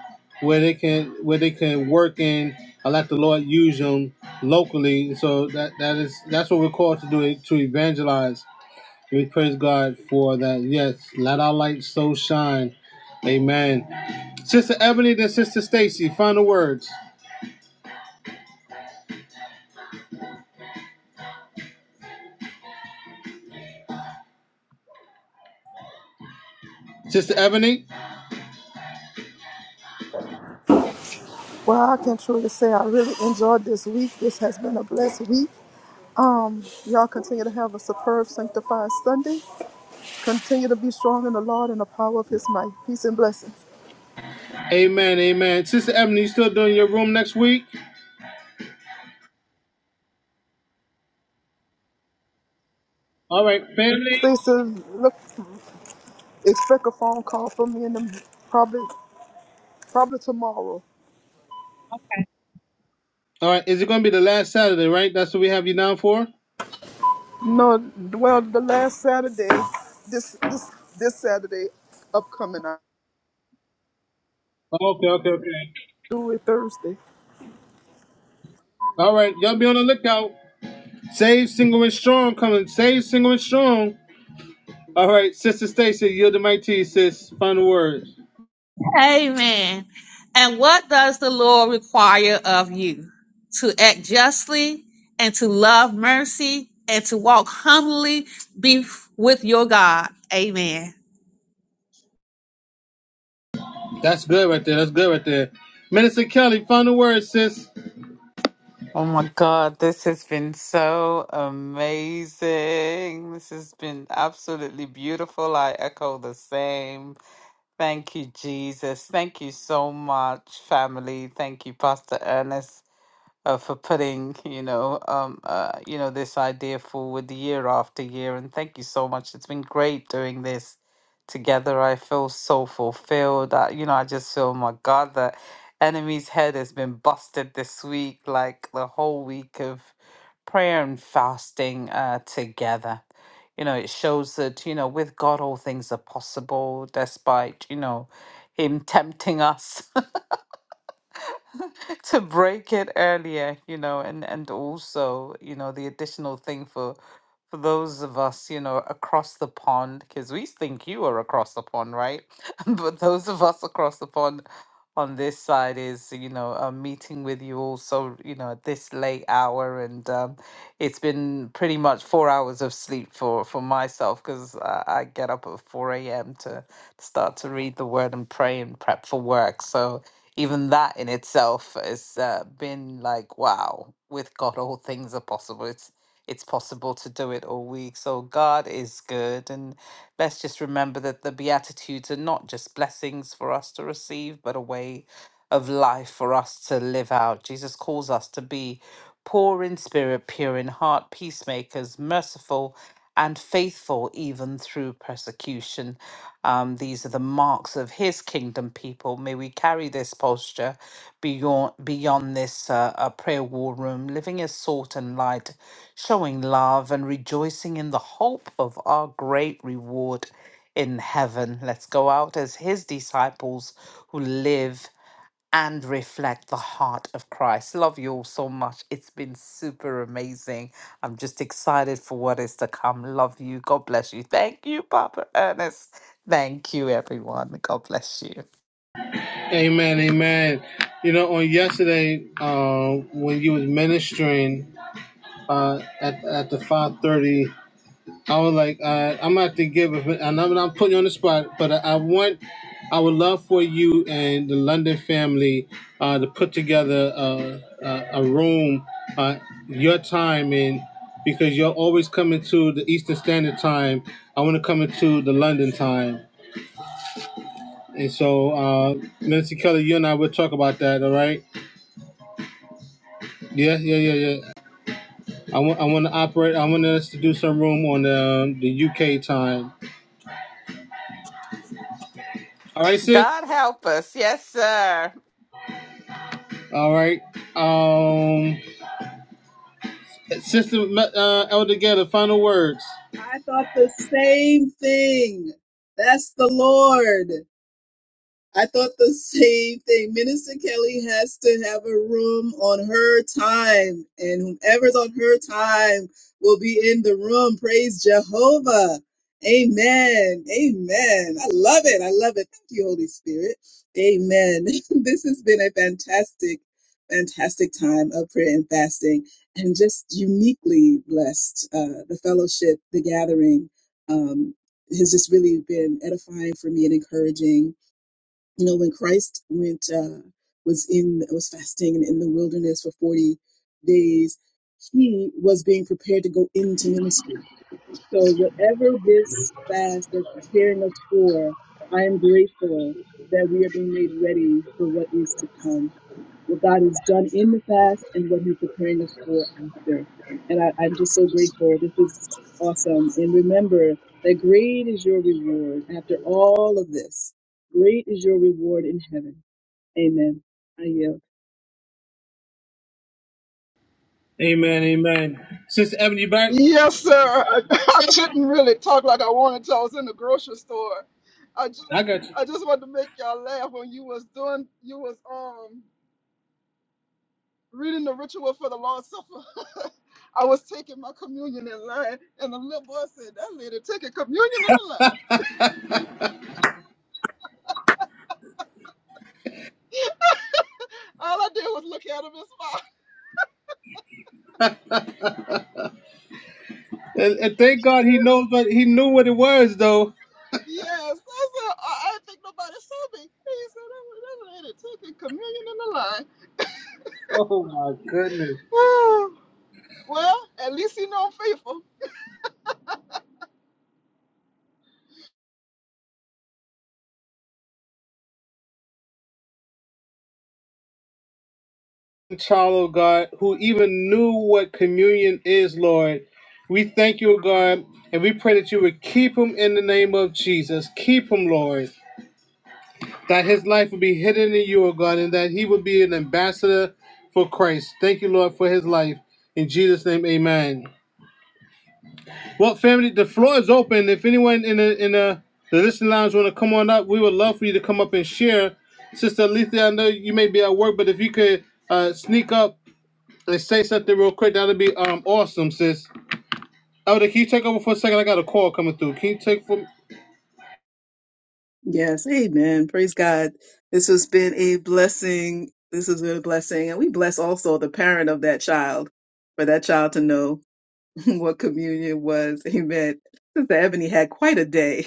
Speaker 1: where they can where they can work in I let the Lord use them locally. So that that is that's what we're called to do to evangelize We praise God for that. Yes, let our light so shine. Amen. Sister Ebony, then Sister Stacy, final words. Sister Ebony,
Speaker 3: Well, I can truly say I really enjoyed this week. This has been a blessed week. Y'all continue to have a superb, sanctified Sunday. Continue to be strong in the Lord and the power of His might. Peace and blessings.
Speaker 1: amen, amen. Sister Ebony, you still doing your room next week? All right, family.
Speaker 3: Stacy, look, expect a phone call from me in the, probably probably tomorrow.
Speaker 1: All right, is it going to be the last Saturday, right? That's what we have you down for?
Speaker 3: No, well, the last Saturday, this this this Saturday, upcoming, I
Speaker 1: Okay, okay, okay.
Speaker 3: do it Thursday.
Speaker 1: All right, y'all be on the lookout. Save, single, and strong coming. Save, single, and strong. All right, Sister Stacy, yield the mic to you, sis. Final words.
Speaker 8: Amen. And what does the Lord require of you? To act justly and to love mercy and to walk humbly be with your God. Amen.
Speaker 1: That's good right there. That's good right there. Minister Kelly, final word, sis.
Speaker 6: Oh my God, this has been so amazing. This has been absolutely beautiful. I echo the same. Thank you, Jesus. Thank you so much, family. Thank you, Pastor Ernest uh, for putting you know um uh, you know this idea forward year after year and thank you so much it's been great doing this together i feel so fulfilled I, you know i just feel oh my god the enemy's head has been busted this week like the whole week of prayer and fasting uh, together you know it shows that you know with god all things are possible despite you know him tempting us to break it earlier, you know, and and also, you know, the additional thing for for those of us, you know, across the pond, because we think you are across the pond, right? but those of us across the pond on this side is you know a meeting with you also you know at this late hour and um, it's been pretty much four hours of sleep for for myself because I, I get up at 4 a.m to start to read the word and pray and prep for work so even that in itself has uh, been like wow with god all things are possible it's it's possible to do it all week so god is good and Let's just remember that the Beatitudes are not just blessings for us to receive, but a way of life for us to live out. Jesus calls us to be poor in spirit, pure in heart, peacemakers, merciful, and faithful even through persecution. Um, these are the marks of his kingdom people. May we carry this posture beyond beyond this uh, uh, prayer war room, living as salt and light, showing love and rejoicing in the hope of our great reward in heaven. Let's go out as his disciples who live and reflect the heart of Christ. Love you all so much. It's been super amazing. I'm just excited for what is to come. Love you. God bless you. Thank you, Papa Ernest. Thank you, everyone. God bless you.
Speaker 1: Amen, amen. You know, on yesterday, uh, when you was ministering uh, at at the five thirty, I was like, uh, I'm gonna have to give, a, and I'm not putting you on the spot, but I, I want, I would love for you and the London family uh, to put together uh, uh, a room, uh, your time in, because you're always coming to the Eastern Standard Time. I want to come into the London time. And so, uh, Nancy Kelly, you and I will talk about that. All right? Yeah, yeah, yeah, yeah. I want, I want to operate. I want us to do some room on the um, the UK time. All right, sis.
Speaker 6: God help us. Yes, sir.
Speaker 1: All right. Um, sister uh, Elder Getter, final words.
Speaker 7: I thought the same thing. That's the Lord. I thought the same thing. Minister Kelly has to have a room on her time, and whomever's on her time will be in the room. Praise Jehovah. Amen. Amen. I love it. I love it. Thank you, Holy Spirit. Amen. this has been a fantastic, fantastic time of prayer and fasting, and just uniquely blessed. Uh, the fellowship, the gathering, um, has just really been edifying for me and encouraging you know when christ went uh was in was fasting in the wilderness for 40 days he was being prepared to go into ministry so whatever this fast is preparing us for i am grateful that we are being made ready for what is to come what God has done in the fast and what He's preparing us for after. And I, I'm just so grateful. This was awesome. And remember that great is your reward after all of this. Great is your reward in heaven. Amen. I yield.
Speaker 1: Amen. Amen. Sister Ebony, you back?
Speaker 3: Yes, sir. I, I couldn't really talk like I wanted to. I was in the grocery store. I just
Speaker 1: I got you.
Speaker 3: I just wanted to make y'all laugh when you was doing you was um reading the ritual for the Lord's Supper. I was taking my communion in line, and the little boy said, "That lady taking communion in the line." All I did was look at him and smile.
Speaker 1: And, and thank God he knows, but he knew what it was though.
Speaker 3: Yes, I said, I, I think nobody saw me. He said, that, was that lady taking communion in the
Speaker 1: Oh my goodness.
Speaker 3: line. well, at least you know I'm faithful.
Speaker 1: child of God who even knew what communion is, Lord. We thank you, God, and we pray that you would keep him in the name of Jesus. Keep him, Lord, that his life would be hidden in you, O God, and that he would be an ambassador for Christ. Thank you, Lord, for his life. In Jesus' name, amen. Well, family, the floor is open. If anyone in the in the, the listening lounge want to come on up, we would love for you to come up and share. Sister Alethea, I know you may be at work, but if you could uh, sneak up Let's say something real quick. That'll be um awesome, sis. Elder, can you take over for a second? I got a call coming through. Can you take for?
Speaker 7: Yes, amen. Praise God. This has been a blessing. This has been a blessing. And we bless also the parent of that child for that child to know what communion was. Amen. Sister Ebony had quite a day.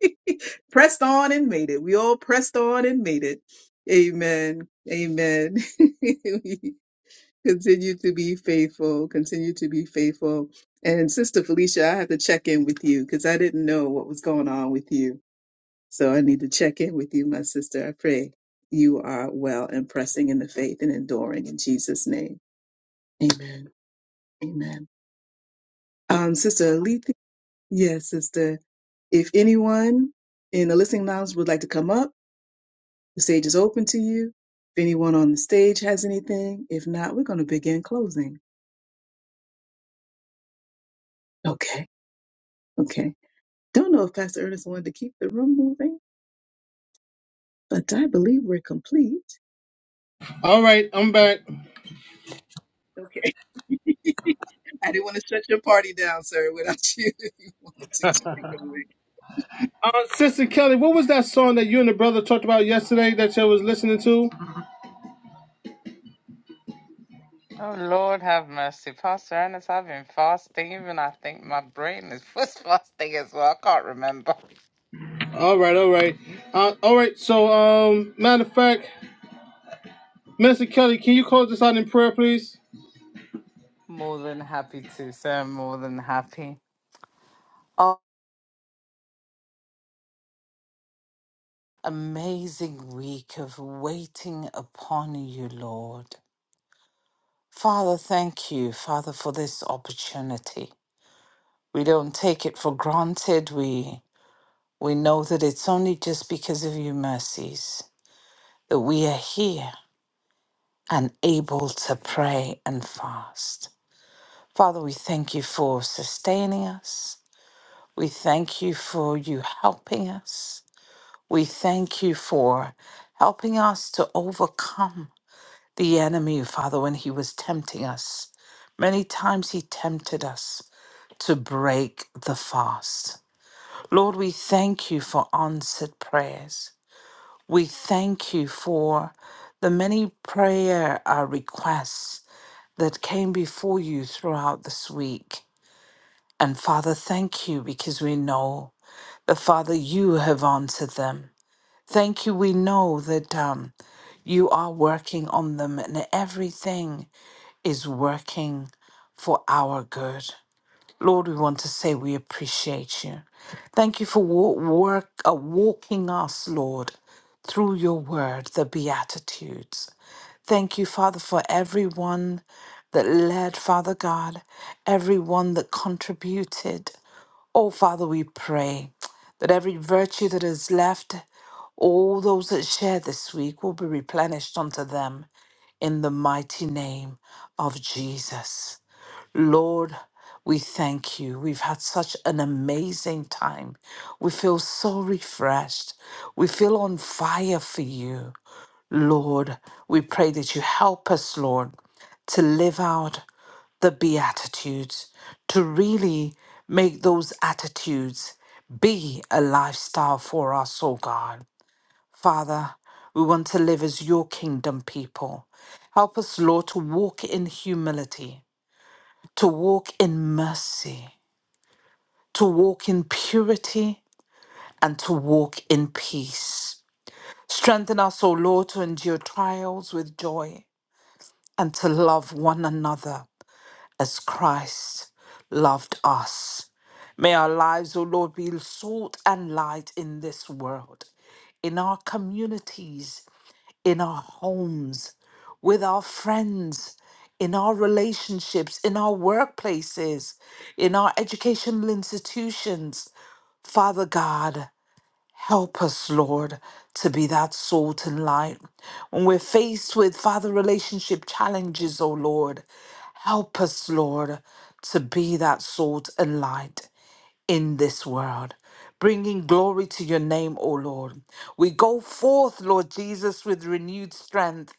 Speaker 7: pressed on and made it. We all pressed on and made it. Amen. Amen. We continue to be faithful. Continue to be faithful. And Sister Felicia, I had to check in with you because I didn't know what was going on with you. So I need to check in with you, my sister. I pray you are well and pressing in the faith and enduring in Jesus' name. Amen. Amen. Um, Sister Alethea, yes, Sister. If anyone in the listening lounge would like to come up, The stage is open to you. If anyone on the stage has anything, if not, we're going to begin closing. Okay. Okay. Don't know if Pastor Ernest wanted to keep the room moving, but I believe we're complete.
Speaker 1: All right, I'm back.
Speaker 7: Okay. I didn't want to shut your party down, sir, without you if you wanted to keep it going.
Speaker 1: Uh, Sister Kelly, what was that song that you and the brother talked about yesterday that you was listening to?
Speaker 6: Oh Lord, have mercy, Pastor Ernest. I've been fasting. Even I think my brain is was fasting as well. I can't remember.
Speaker 1: All right, all right, uh, all right. So, um, matter of fact, Minister Kelly, can you close this out in prayer, please?
Speaker 6: More than happy to, sir. More than happy. Oh, amazing week of waiting upon you, Lord. Father, thank you, Father, for this opportunity. We don't take it for granted. We we know that it's only just because of your mercies. that we are here and able to pray and fast. Father, we thank you for sustaining us. We thank you for you helping us. We thank you for helping us to overcome the enemy, Father, when he was tempting us. Many times he tempted us to break the fast. Lord, we thank you for answered prayers. We thank you for the many prayer uh, requests that came before you throughout this week. And Father, thank you because we know that, Father, you have answered them. Thank you. We know that um, you are working on them and everything is working for our good. Lord, we want to say we appreciate you. Thank you for wa- work, uh, walking us, Lord, through your word, the Beatitudes. Thank you, Father, for everyone that led, Father God, everyone that contributed. Oh, Father, we pray that every virtue that is left, all those that share this week will be replenished unto them in the mighty name of Jesus. Lord, we thank you. We've had such an amazing time. We feel so refreshed. We feel on fire for you. Lord, we pray that you help us, Lord, to live out the Beatitudes to really make those attitudes be a lifestyle for us, oh God. Father, we want to live as your kingdom people. Help us, Lord, to walk in humility, to walk in mercy, to walk in purity, and to walk in peace. Strengthen us, O Lord, to endure trials with joy and to love one another as Christ loved us. May our lives, O Lord, be salt and light in this world, in our communities, in our homes, with our friends, in our relationships, in our workplaces, in our educational institutions. Father God, help us, Lord, to be that salt and light. When we're faced with, Father, relationship challenges, O Lord, Help us, Lord, to be that salt and light in this world, bringing glory to your name, O Lord. We go forth, Lord Jesus, with renewed strength,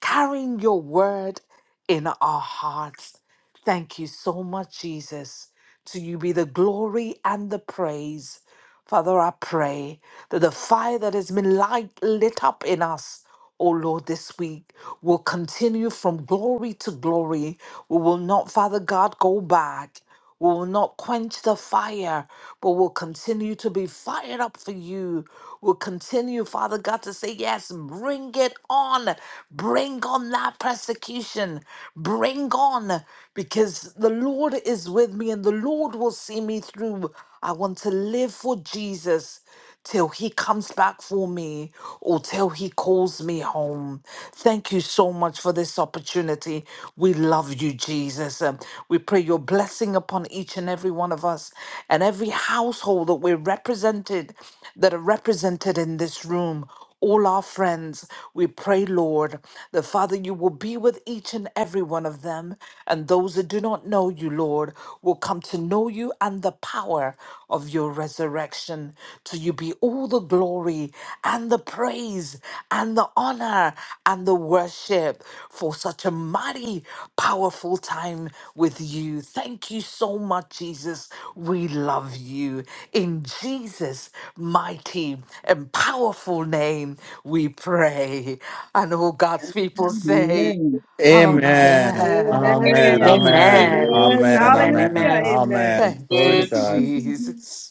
Speaker 6: carrying your word in our hearts. Thank you so much, Jesus. To you be the glory and the praise. Father, I pray that the fire that has been light, lit up in us, O Lord, this week will continue from glory to glory. We will not, Father God, go back. We will not quench the fire, but will continue to be fired up for you. We'll continue, Father God, to say, Yes, bring it on. Bring on that persecution. Bring on, because the Lord is with me and the Lord will see me through. I want to live for Jesus till he comes back for me or till he calls me home. Thank you so much for this opportunity. We love you, Jesus. Um, we pray your blessing upon each and every one of us and every household that we're represented, that are represented in this room all our friends. We pray, Lord, that Father, you will be with each and every one of them. And those that do not know you, Lord, will come to know you and the power of your resurrection. To you be all the glory and the praise and the honor and the worship for such a mighty, powerful time with you. Thank you so much, Jesus. We love you. In Jesus' mighty and powerful name, we pray. And all God's people say,
Speaker 7: Amen.
Speaker 2: Amen.
Speaker 6: Amen
Speaker 2: Amen.
Speaker 6: and
Speaker 7: Amen.
Speaker 2: Amen.
Speaker 4: Amen.
Speaker 1: Amen.
Speaker 6: amen.
Speaker 7: Amen.
Speaker 2: Amen.
Speaker 4: Amen.
Speaker 2: Amen.
Speaker 7: Hallelujah.
Speaker 4: Amen.
Speaker 2: Amen.
Speaker 7: Amen.
Speaker 6: Thank
Speaker 2: Glory
Speaker 6: you,
Speaker 2: to
Speaker 1: Amen.
Speaker 2: God.
Speaker 6: Jesus.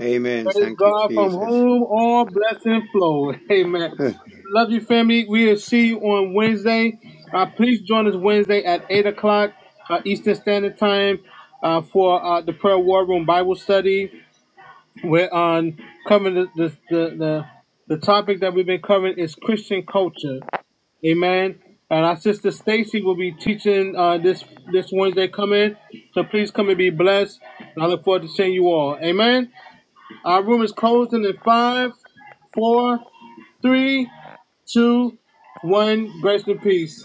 Speaker 5: Amen.
Speaker 1: Praise
Speaker 5: Thank you,
Speaker 1: God from
Speaker 5: Jesus.
Speaker 1: whom all blessing flow. Amen. Love you, family. We'll see you on Wednesday. Uh, please join us Wednesday at 8 o'clock uh, Eastern Standard Time uh, for uh, the Prayer War Room Bible Study. We're on covering the, the, the, the, the topic that we've been covering is Christian culture. Amen. And our sister Stacy will be teaching uh, this this Wednesday coming. So please come and be blessed. And I look forward to seeing you all. Amen. Our room is closing in five, four, three, two, one. Grace and peace.